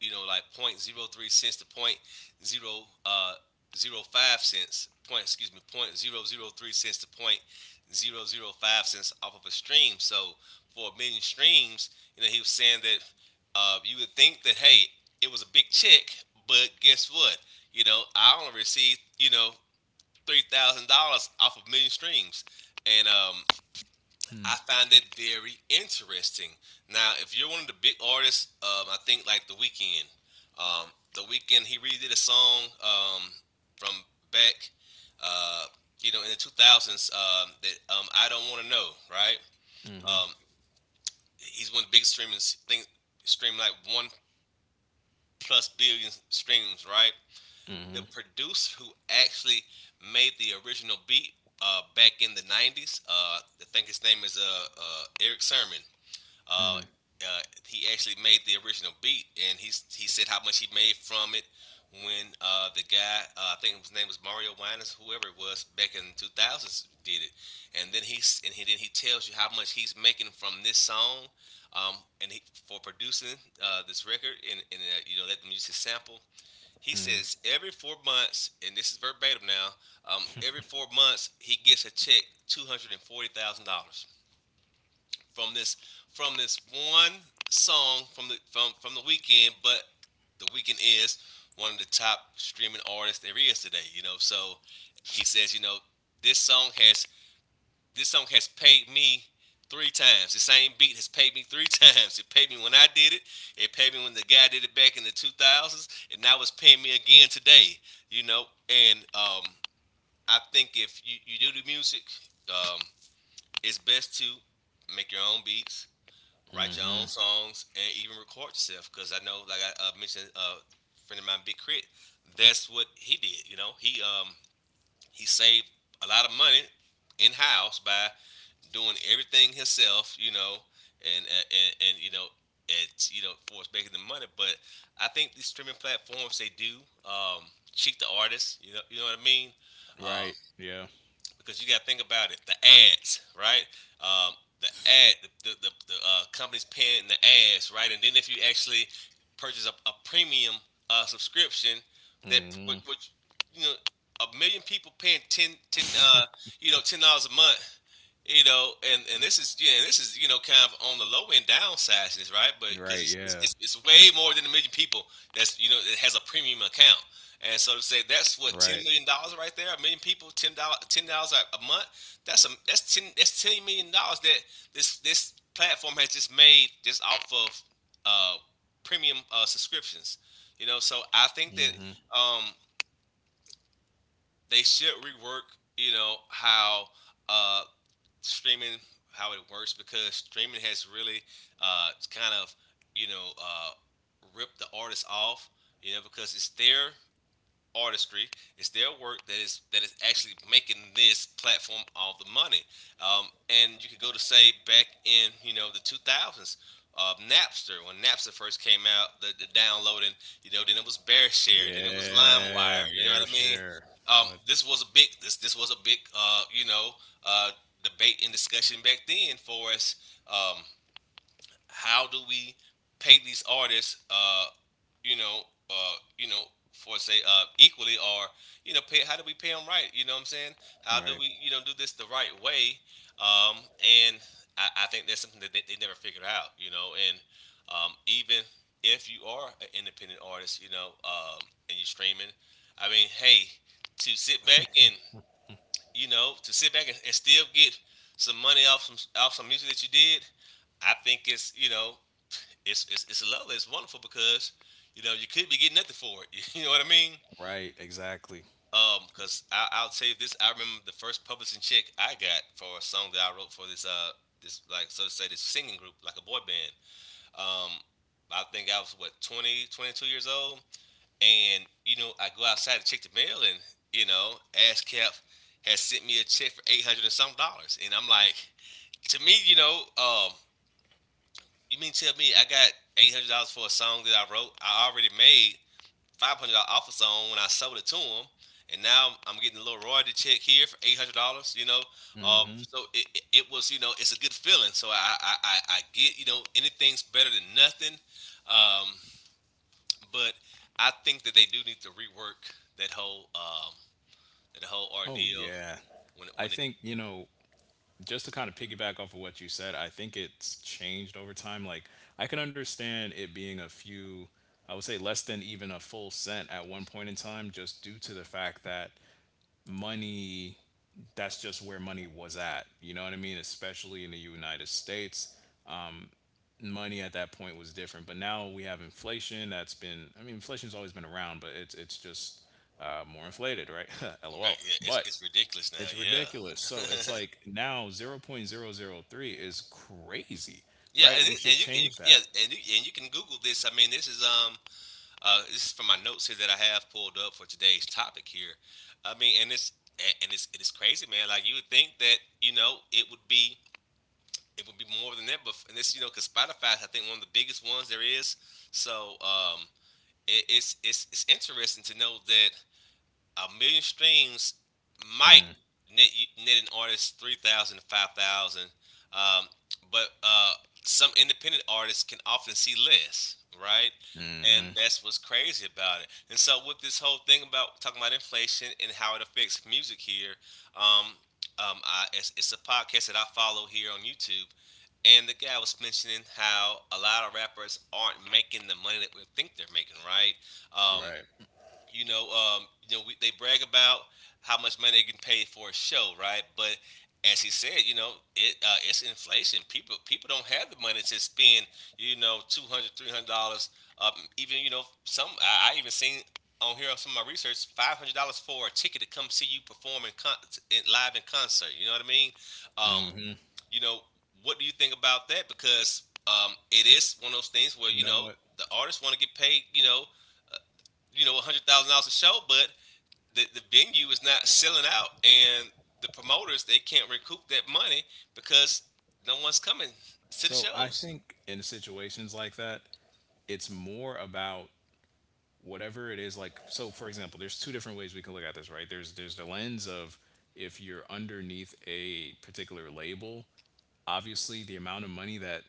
you know, like point zero three cents to point zero uh zero five cents point excuse me point zero zero three cents to point zero zero five cents off of a stream. So for a million streams, you know, he was saying that uh, you would think that hey, it was a big check, but guess what? You know, I only received you know three thousand dollars off of a million streams, and um, I
Hmm.
find it very interesting. Now, if you're one of the big artists, um, I think like The Weeknd. Um, the Weeknd he redid a song um, from back, uh, you know, in the two thousands um, that um, I don't want to know. Right? Um, he's one of the big streaming think stream like one plus billion streams. Right? The producer who actually made the original beat uh, back in the nineties, uh, I think his name is uh, uh, Eric Sermon. Uh, uh, he actually made the original beat, and he he said how much he made from it when uh, the guy, uh, I think his name was Mario Winans, whoever it was, back in the two thousands, did it, and then he s- and he then he tells you how much he's making from this song, um, and he, for producing uh, this record, and, and uh, you know let them use his sample. He says every four months, and this is verbatim now, um, every four months he gets a check two hundred and forty thousand dollars from this from this one song from the from from the Weekend, but the Weekend is one of the top streaming artists there is today. You know, so he says, you know, this song has this song has paid me three times. The same beat has paid me three times. It paid me when I did it. It paid me when the guy did it back in the two thousands, and now it's paying me again today. You know, and um, I think if you, you do the music, um, it's best to make your own beats write your own songs, and even record yourself. Because I know, like I uh, mentioned, uh, friend of mine, Big Crit, that's what he did. You know, he um he saved a lot of money in house by doing everything himself. You know, and and, and, and you know. It's, you know, for making the money, but I think these streaming platforms they do um, cheat the artists. You know, you know what I mean. Uh,
Right. Yeah.
because you got to think about it. The ads, right? Um, the ad, the the, the, uh, company's paying the ads, right? And then if you actually purchase a, a premium uh, subscription, that which, which you know a million people paying ten, ten, uh, you know ten dollars a month, you know, and and this is yeah, and this is you know kind of on the low end downside to this, right? But because it's,
Right.
it's it's
Yeah.
it's way more than a million people that's you know that has a premium account, and so to say that's what ten
Right.
million dollars right there, a million people, ten dollars ten dollars a a month. That's a that's ten that's ten million dollars that this this platform has just made just off of uh premium uh subscriptions, you know. So I think that
Hmm.
um they should rework you know how uh streaming how it works, because streaming has really uh, kind of you know uh, ripped the artists off. You know, because it's their artistry. It's their work that is that is actually making this platform all the money. Um, and you could go to say back in you know the two thousands, uh, Napster, when Napster first came out, the, the downloading. You know, then it was BearShare, then it was
Yeah.
LimeWire. You know what
Bear
I mean?
share.
Um,
What?
this was a big this this was a big uh, you know uh, debate and discussion back then for us. Um, how do we pay these artists, uh, you know, uh, you know, for say uh, equally, or you know, pay, how do we pay them right? You know what I'm saying? How do
Right.
we you know do this the right way? Um, and I, I think that's something that they, they never figured out. You know, and um, even if you are an independent artist, you know, um, and you're streaming, I mean, hey, to sit back and you know to sit back and, and still get some money off some off some music that you did, I think it's you know it's it's it's lovely. It's wonderful, because you know you could be getting nothing for it. You know what I mean?
Right, exactly.
Um, cause I, I'll tell you this. I remember the first publishing check I got for a song that I wrote for this uh this like so to say, this singing group, like a boy band. Um, I think I was what, twenty twenty two years old, and you know I go outside to check the mail, and you know ASCAP has sent me a check for eight hundred and some dollars, and I'm like, to me, you know, um, you mean tell me I got eight hundred dollars for a song that I wrote, I already made, five hundred dollar offer on when I sold it to him, and now I'm getting a little royalty check here for eight hundred dollars. You know, uh,
Hmm.
so it, it it was you know it's a good feeling. So I I I I get, you know anything's better than nothing, um, but I think that they do need to rework that whole um that whole
Oh,
ordeal
yeah.
when it, when
I
it
think, you know, just to kind of piggyback off of what you said, I think it's changed over time. Like, I can understand it being a few, I would say less than even a full cent at one point in time, just due to the fact that money, that's just where money was at. You know what I mean? Especially in the United States. Money at that point was different. But now we have inflation that's been, I mean, inflation's always been around, but it's it's just, uh, more inflated, right?
Right,
LOL.
yeah, it's,
But
it's ridiculous now.
it's ridiculous.
Yeah,
So it's like now zero point zero zero 0.003 is crazy,
yeah, and,
right? We
it, and
should
you and you
change
yeah,
that.
and you and you can Google this. I mean, this is um Uh, this is from my notes here that I have pulled up for today's topic here. I mean, and it's and- it's it's crazy, man. Like you would think that you know it would be it would be more than that, but, and this you know because Spotify is, I think, one of the biggest ones there is. So um, it, it's it's it's interesting to know that a million streams might net, net an artist three thousand to five thousand, um, but uh, some independent artists can often see less, right? And
Hmm.
that's what's crazy about it. And so, with this whole thing about talking about inflation and how it affects music here. Um, um, I, it's, it's a podcast that I follow here on YouTube. And the guy was mentioning how a lot of rappers aren't making the money that we think they're making, right? Um,
Right.
you know, um, you know, we, they brag about how much money they get paid for a show, right? But as he said, you know, it uh, it's inflation. People people don't have the money to spend, you know, two hundred, three hundred dollars. Um, even you know, some, I, I even seen on here on some of my research, five hundred dollars for a ticket to come see you perform in, con- in live in concert. You know what I mean? Um, you know, what do you think about that? Because um, it is one of those things where you
You know
know
what?
the artists want to get paid, you know, you know, a hundred thousand dollars a show, but the, the venue is not selling out and the promoters, they can't recoup that money because no one's coming to the
So I
shows.
think in situations like that, it's more about whatever it is. Like, so, for example, there's two different ways we can look at this, right? There's there's the lens of if you're underneath a particular label, obviously the amount of money that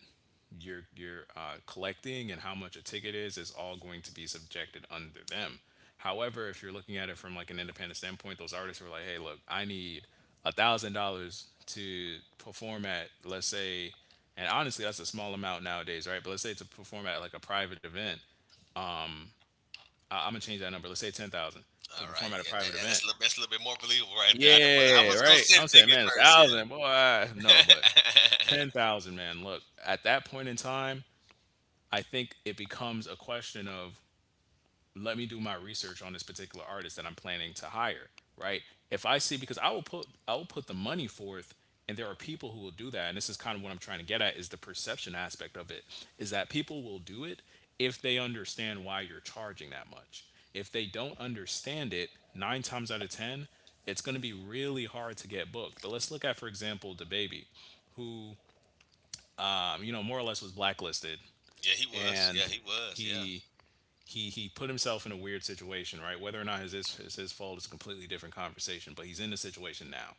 you're you're uh, collecting and how much a ticket is is all going to be subjected under them. However, if you're looking at it from like an independent standpoint, those artists were like, hey, look, I need a thousand dollars to perform at, let's say— and honestly, that's a small amount nowadays, right? But let's say to perform at like a private event, I I'm gonna change that number. Let's say ten thousand to
All
perform
right,
at a
yeah, that,
private
that's
event.
a little that's a little bit more believable right there. I, didn't, wanna- I
Yeah,
was gonna
right.
say
I'm
anything
saying,
at
man, a
first,
thousand, boy. I-
yeah,
No, but ten thousand, man. Look, at that point in time, I think it becomes a question of, let me do my research on this particular artist that I'm planning to hire, right? If I see— because I will put I will put the money forth, and there are people who will do that, and this is kind of what I'm trying to get at, is the perception aspect of it, is that people will do it if they understand why you're charging that much. If they don't understand it, nine times out of ten, it's going to be really hard to get booked. But let's look at, for example, The Baby, who, um, you know, more or less was blacklisted,
yeah, he was. Yeah,
and
he was. Yeah.
he he he put himself in a weird situation, right? Whether or not it's his, it's his fault, is a completely different conversation, but he's in the situation now.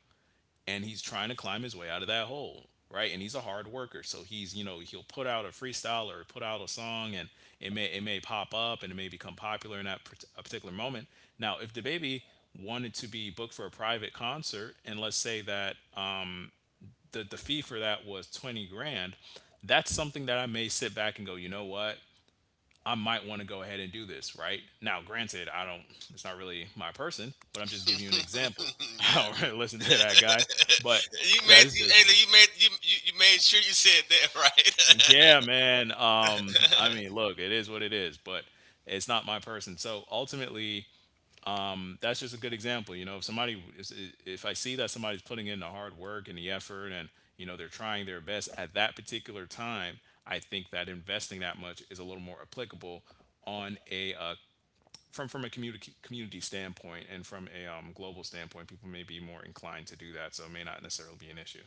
And he's trying to climb his way out of that hole, right? And he's a hard worker. So he's, you know, he'll put out a freestyle or put out a song, and it may it may pop up, and it may become popular in that part- a particular moment. Now, if The Baby wanted to be booked for a private concert, and let's say that, um, the, the fee for that was twenty grand, that's something that I may sit back and go, you know what, I might want to go ahead and do this, right? Now, granted, I don't— it's not really my person, but I'm just giving you an example. I
Yeah.
don't really listen to that guy, but
you made
that's
you,
just—
Ayla, you made you, you you made sure you said that right.
yeah, man. Um, I mean, look, it is what it is, but it's not my person. So ultimately, um, that's just a good example. You know, if somebody, if if I see that somebody's putting in the hard work and the effort, and, you know, they're trying their best at that particular time, I think that investing that much is a little more applicable on a uh, from from a community community standpoint, and from a, um, global standpoint, people may be more inclined to do that, so it may not necessarily be an issue.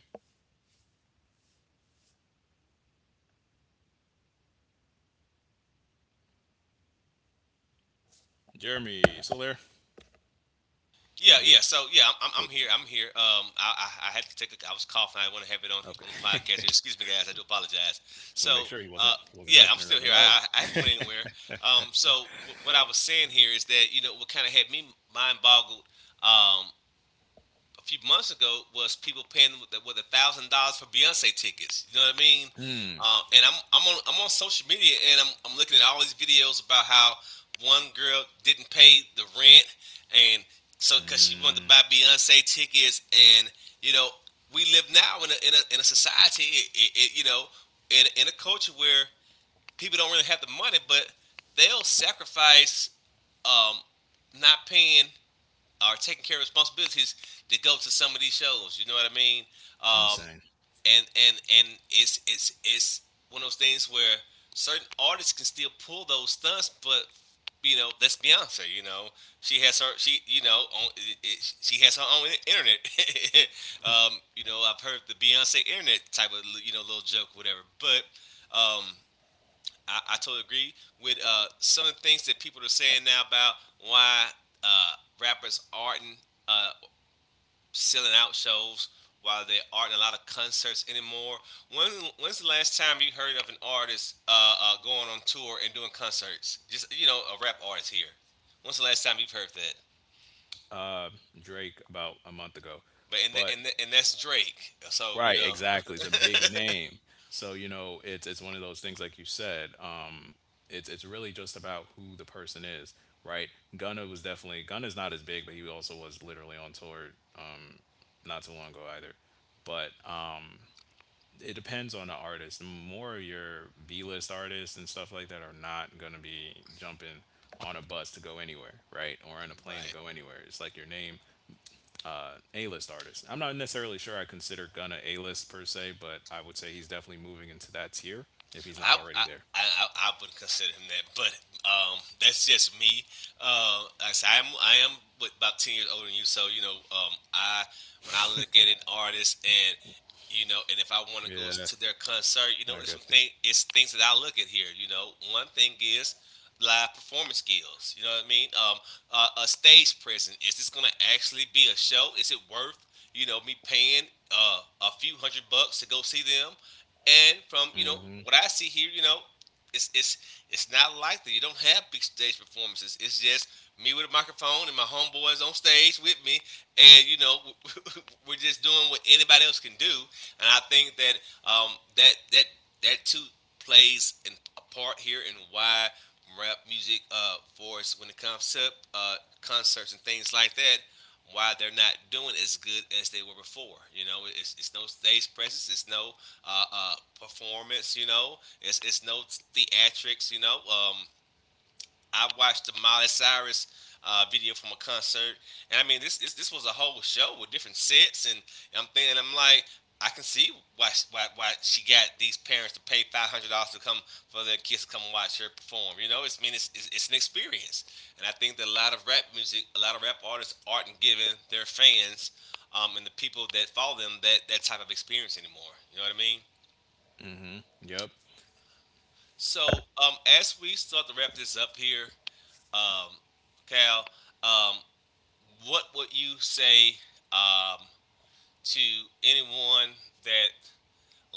Jeremy, still there?
Yeah,
You?
yeah. So yeah, I'm, I'm I'm here. I'm here. Um, I, I, I had to take. A, I was coughing. I want to have it on
Okay.
on the podcast.
Just
Excuse me, guys. I do apologize.
want to make
So
sure he wasn't
uh,
he wasn't
yeah,
dead
I'm
or
still
nothing.
here. I
Like
I I haven't went anywhere. Um, so w- what I was saying here is that you know what kind of had me mind boggled. Um, a few months ago was people paying with with a thousand dollars for Beyonce tickets. You know what I mean? Uh, and I'm I'm on I'm on social media, and I'm I'm looking at all these videos about how one girl didn't pay the rent, and so because she wanted to buy Beyonce tickets. And you know, we live now in a in a, in a society, it, it, it, you know, in in a culture where people don't really have the money, but they'll sacrifice, um, not paying are taking care of responsibilities, to go to some of these shows. You know what I mean?
that.
Um,
Insane.
and and and it's it's it's one of those things where certain artists can still pull those stunts, but you know, that's Beyonce. You know, she has her she you know on, it, it, she has her own internet. um, you know I've heard the Beyonce internet type of, you know little joke, whatever, but um, I, I totally agree with uh, some of the things that people are saying now about why uh, rappers aren't, uh, selling out shows, why they aren't in a lot of concerts anymore. When when's the last time you heard of an artist uh, uh, going on tour and doing concerts? Just you know, a rap artist here. When's the last time you've heard that?
Uh, Drake about a month ago,
But and the,
but
and the, and that's Drake. So you
right,
know.
exactly. It's a big name, so you know it's it's one of those things, like you said. Um, it's it's really just about who the person is, right? Gunna was definitely Gunna's not as big, but he also was literally on tour not too long ago either. But um, it depends on the artist. More of your B list artists and stuff like that are not going to be jumping on a bus to go anywhere, right? Or on a plane to
Right?
go anywhere. It's like your name, uh, A list artist. I'm not necessarily sure I consider Gunna A list per se, but I would say he's definitely moving into that tier if he's not
I
already
I,
there.
I, I wouldn't consider him that, but um, that's just me. Uh, like I said, I'm I am with about ten years older than you, so you know, um, I when I look at an artist, and you know, and if I want to go
Yeah,
to their concert, you
I
know, it's
got
some
you.
thing, it's things that I look at here. You know, one thing is live performance skills. You know what I mean? Um, uh, a stage presence. Is this gonna actually be a show? Is it worth you know me paying, uh, a few hundred bucks to go see them? And from, you know
Mm-hmm.
what I see here, you know, it's it's it's not likely. You don't have big stage performances. It's just me with a microphone and my homeboys on stage with me, and you know, we're just doing what anybody else can do. And I think that, um, that that that too plays in a part here in why rap music, uh, for us when it comes to, uh, concerts and things like that, why they're not doing as good as they were before. You know, it's, it's no stage presence, it's no uh, uh, performance. You know, it's it's no theatrics. You know, um, I watched the Miley Cyrus, uh, video from a concert. And I mean, this, this this was a whole show with different sets. And I'm thinking, I'm like, I can see why sh- why, why she got these parents to pay five hundred dollars to come, for their kids to come and watch her perform. You know, it's, I mean, it's, it's it's an experience. And I think that a lot of rap music, a lot of rap artists aren't giving their fans, um, and the people that follow them, that that type of experience anymore. You know what I mean?
Yep.
So, um, as we start to wrap this up here, um, Cal, um, what would you say, um, to anyone that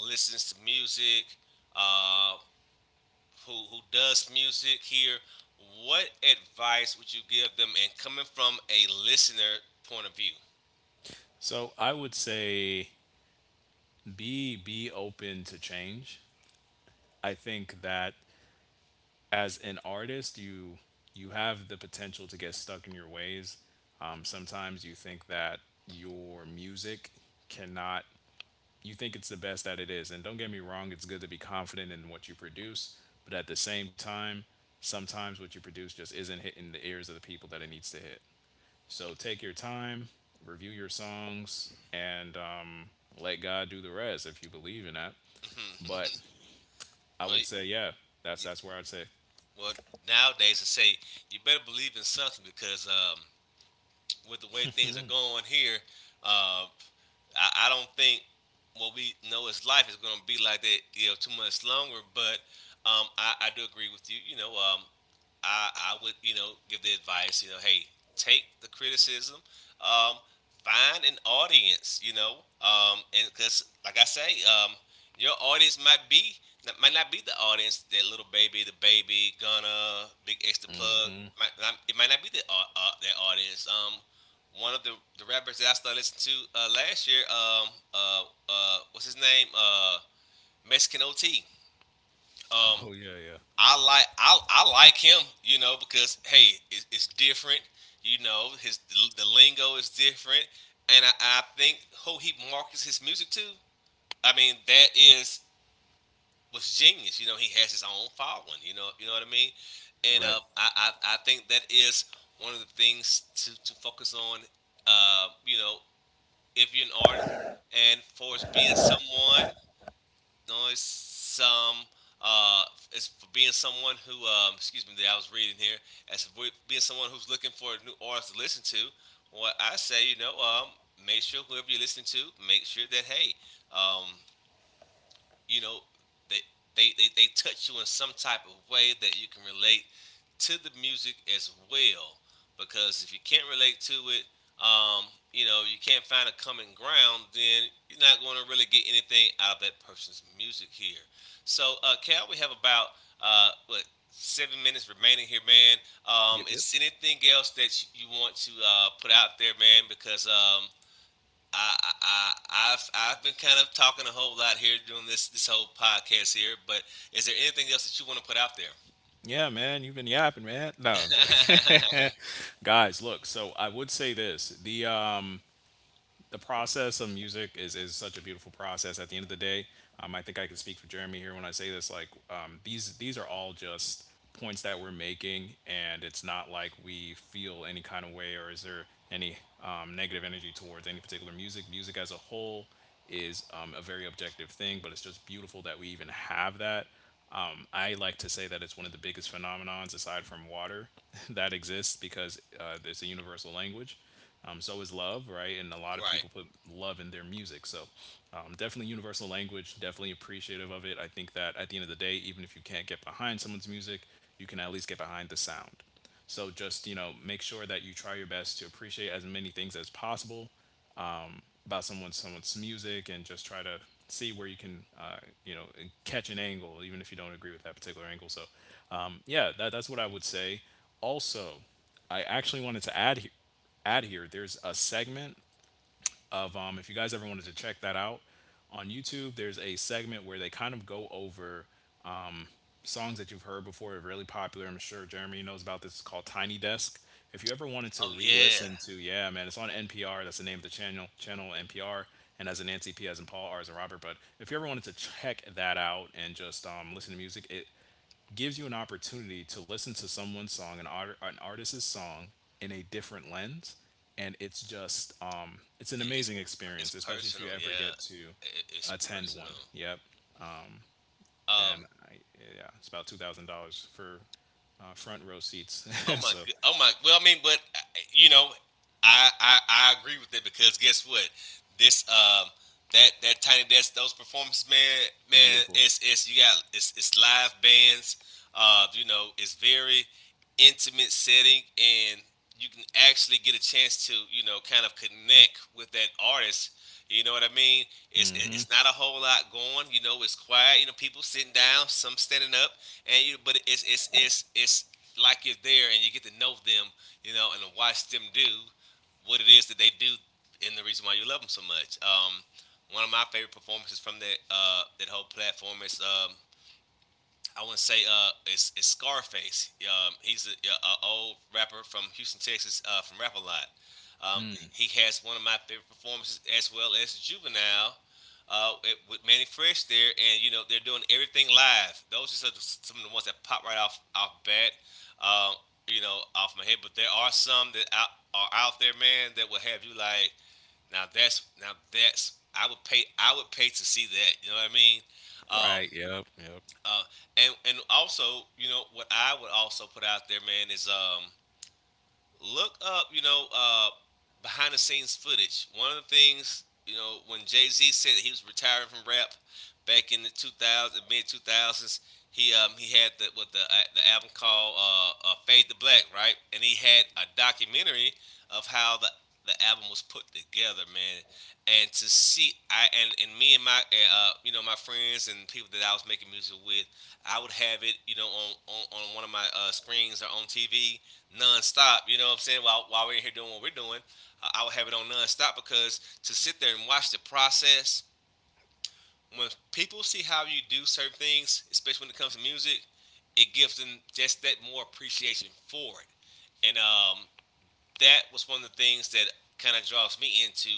listens to music, uh, who who does music here? What advice would you give them? And coming from a listener point of view?
So I would say be be open to change. I think that as an artist, you you have the potential to get stuck in your ways. Um, sometimes you think that your music cannot— you think it's the best that it is, and don't get me wrong, it's good to be confident in what you produce, but at the same time, sometimes what you produce just isn't hitting the ears of the people that it needs to hit. So take your time, review your songs, and, um, let God do the rest if you believe in that. But I
well,
would say, yeah,
you,
that's that's where I'd say.
well, nowadays I say you better believe in something, because um, with the way things are going here, uh, I, I don't think what we know as life is going to be like that, you know, too much longer. But um, I, I do agree with you. You know, um, I, I would, you know, give the advice, you know, hey, take the criticism, um, find an audience, you know. Um, and because, like I say, um, your audience might be, that might not be the audience that little baby, the baby, gonna big extra plug.
Hmm.
Might not, it might not be the au- uh, that audience. Um, one of the the rappers that I started listening to, uh, last year, um, uh, uh, what's his name? Uh, Mexican O T. Um,
Oh, yeah, yeah.
I like I, I like him, you know, because hey, it's, it's different. You know, his the lingo is different. And I, I think who he markets his music to. I mean, that is was genius. You know, he has his own following. You know, you know what I mean. And
Right.
uh, I, I I think that is one of the things to to focus on. Uh, you know, if you're an artist, and for as being someone noise some uh, as for being someone who, um, excuse me, that I was reading here, as for being someone who's looking for new artists to listen to, what I say, you know, um, make sure whoever you're listening to, make sure that, hey, um, you know, they, they, they, they touch you in some type of way that you can relate to the music as well. Because if you can't relate to it, um, you know, you can't find a common ground, then you're not going to really get anything out of that person's music here. So, uh, Cal, we have about, uh, what, seven minutes remaining here, man. Um,
Yep. Yep.
is anything else that you want to, uh, put out there, man? Because um, I, I, I, have I've been kind of talking a whole lot here doing this, this whole podcast here, but is there anything else that you want to put out there?
Yeah, man, you've been yapping, man. No, I'm joking. Guys, look, so I would say this. The um the process of music is, is such a beautiful process at the end of the day. Um, I think I can speak for Jeremy here when I say this, like, um, these these are all just points that we're making, and it's not like we feel any kind of way or is there any, um, negative energy towards any particular music. Music as a whole is, um, a very objective thing, but it's just beautiful that we even have that. Um, I like to say that it's one of the biggest phenomenons aside from water that exists, because, uh, it's a universal language. Um, so is love, right? And a lot of
Right.
people put love in their music. So, um, definitely universal language, definitely appreciative of it. I think that at the end of the day, even if you can't get behind someone's music, you can at least get behind the sound. So just, you know, make sure that you try your best to appreciate as many things as possible about someone someone's music, and just try to see where you can, uh, you know catch an angle, even if you don't agree with that particular angle. So, um, yeah, that, that's what I would say. Also, I actually wanted to add here add here— there's a segment of, um, if you guys ever wanted to check that out, on YouTube, there's a segment where they kind of go over songs that you've heard before, are really popular. I'm sure Jeremy knows about this. It's called Tiny Desk. If you ever wanted to
Oh, yeah.
re-listen to— yeah, man, it's on N P R. That's the name of the channel, channel N P R. And as in Nancy, P as in Paul, R as in Robert. But if you ever wanted to check that out and just, um, listen to music, it gives you an opportunity to listen to someone's song, an, art, an artist's song, in a different lens. And it's just, um, it's an
It's,
amazing
it's, it's
experience, especially if
personal.
you ever
Yeah.
get to
It, it's
attend one.
personal.
Yep.
Um,
And I, yeah, it's about two thousand dollars for, uh, front row seats.
Oh my,
So
good- oh my. Well, I mean, but uh, you know, I I, I agree with it, because guess what? This um that that tiny desk, those performances, man. Man,
beautiful.
it's it's you got, it's it's live bands. Uh, you know, it's very intimate setting, and you can actually get a chance to, you know, kind of connect with that artist. You know what I mean? It's it-
Hmm.
it's not a whole lot going. You know, it's quiet. You know, people sitting down, some standing up, and you but it's it's it's it's like you're there, and you get to know them, you know, and to watch them do what it is that they do, and the reason why you love them so much. Um, one of my favorite performances from that, uh, that whole platform is, um, I want to say, uh, it's, it's Scarface. Um, he's a, yeah, a, old rapper from Houston, Texas, uh, from Rap a Lot. Um, he has one of my favorite performances as well as Juvenile, uh, it, with Manny Fresh there, and you know, they're doing everything live. Those are some- of the ones that pop right off off bat, um, you know, off my head. But there are some that out, are out there, man, that will have you like, now that's now that's I would pay I would pay to see that. You know what I mean? Um,
Right. Yep. Yep.
uh, and and also, you know what I would also put out there, man, is, um, look up, you know, uh, behind the scenes footage. One of the things, you know, when Jay Z said that he was retiring from rap back in the two thousand, mid two thousands, he um he had the what the uh, the album called, uh, uh, Fade to Black, right? And he had a documentary of how the the album was put together, man. And to see, I and, and me and my, uh, you know, my friends and people that I was making music with, I would have it, you know, on on, on one of my, uh, screens, or on T V, non-stop. You know what I'm saying? While while we're in here doing what we're doing, uh, I would have it on non-stop, because to sit there and watch the process. When people see how you do certain things, especially when it comes to music, it gives them just that more appreciation for it. And um, that was one of the things that kind of draws me into,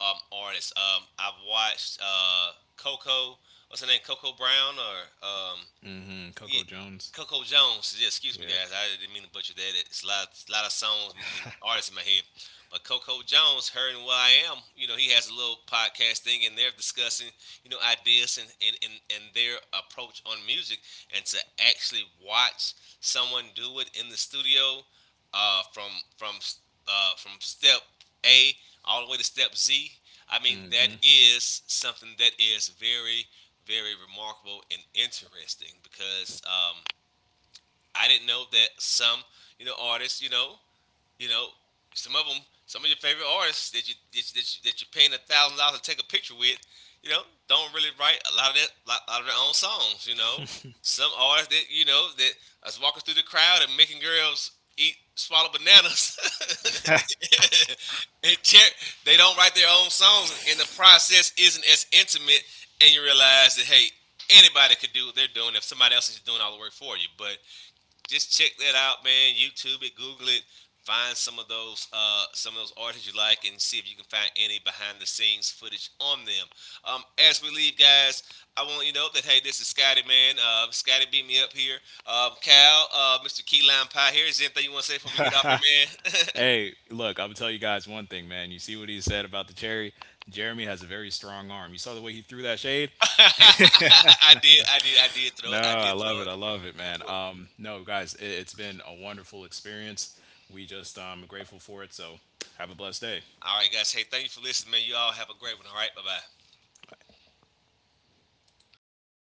um, artists. Um, I've watched, uh, Coco. What's her name? Coco Brown? Or, um,
Hmm.
yeah,
Coco Jones.
Coco Jones. Yeah, excuse me,
Yeah.
guys. I didn't mean to butcher that. It's a lot, it's a lot of songs and artists in my head. But Coco Jones, her and Will I Am, you know, he has a little podcast thing, and they're discussing, you know, ideas, and, and, and, and their approach on music. And to actually watch someone do it in the studio, uh, from from uh, from step A all the way to step Z. I mean, that
Hmm.
is something that is very, very remarkable and interesting, because, um, I didn't know that some, you know, artists, you know, you know, some of them, some of your favorite artists that you that you, that, you, that you're paying a thousand dollars to take a picture with, you know, don't really write a lot of that, a lot of their own songs. You know, some artists that you know that is walking through the crowd and making girls eat swallow bananas and tear- they don't write their own songs, and the process isn't as intimate, and you realize that, hey, anybody could do what they're doing if somebody else is doing all the work for you. But just check that out, man. YouTube it, Google it, find some of those, uh, some of those artists you like, and see if you can find any behind the scenes footage on them. Um, as we leave, guys, I want you to know that, hey, this is Scotty, man. Uh, Scotty beat me up here. Um, Cal, uh, Mister Key Lime Pie. Here, is there anything you want to say before we get off here, man?
Hey, look, I'm gonna tell you guys one thing, man. You see what he said about the cherry? Jeremy has a very strong arm. You saw the way he threw that shade?
I did, I did, I did throw
No,
it. I
I
did throw
love it.
it.
I love it, man.
Well,
Um, no, guys, it, it's been a wonderful experience. We just, um grateful for it. So have a blessed day.
all right, guys. Hey, thank you for listening, man. You all have a great one. All right. Bye bye.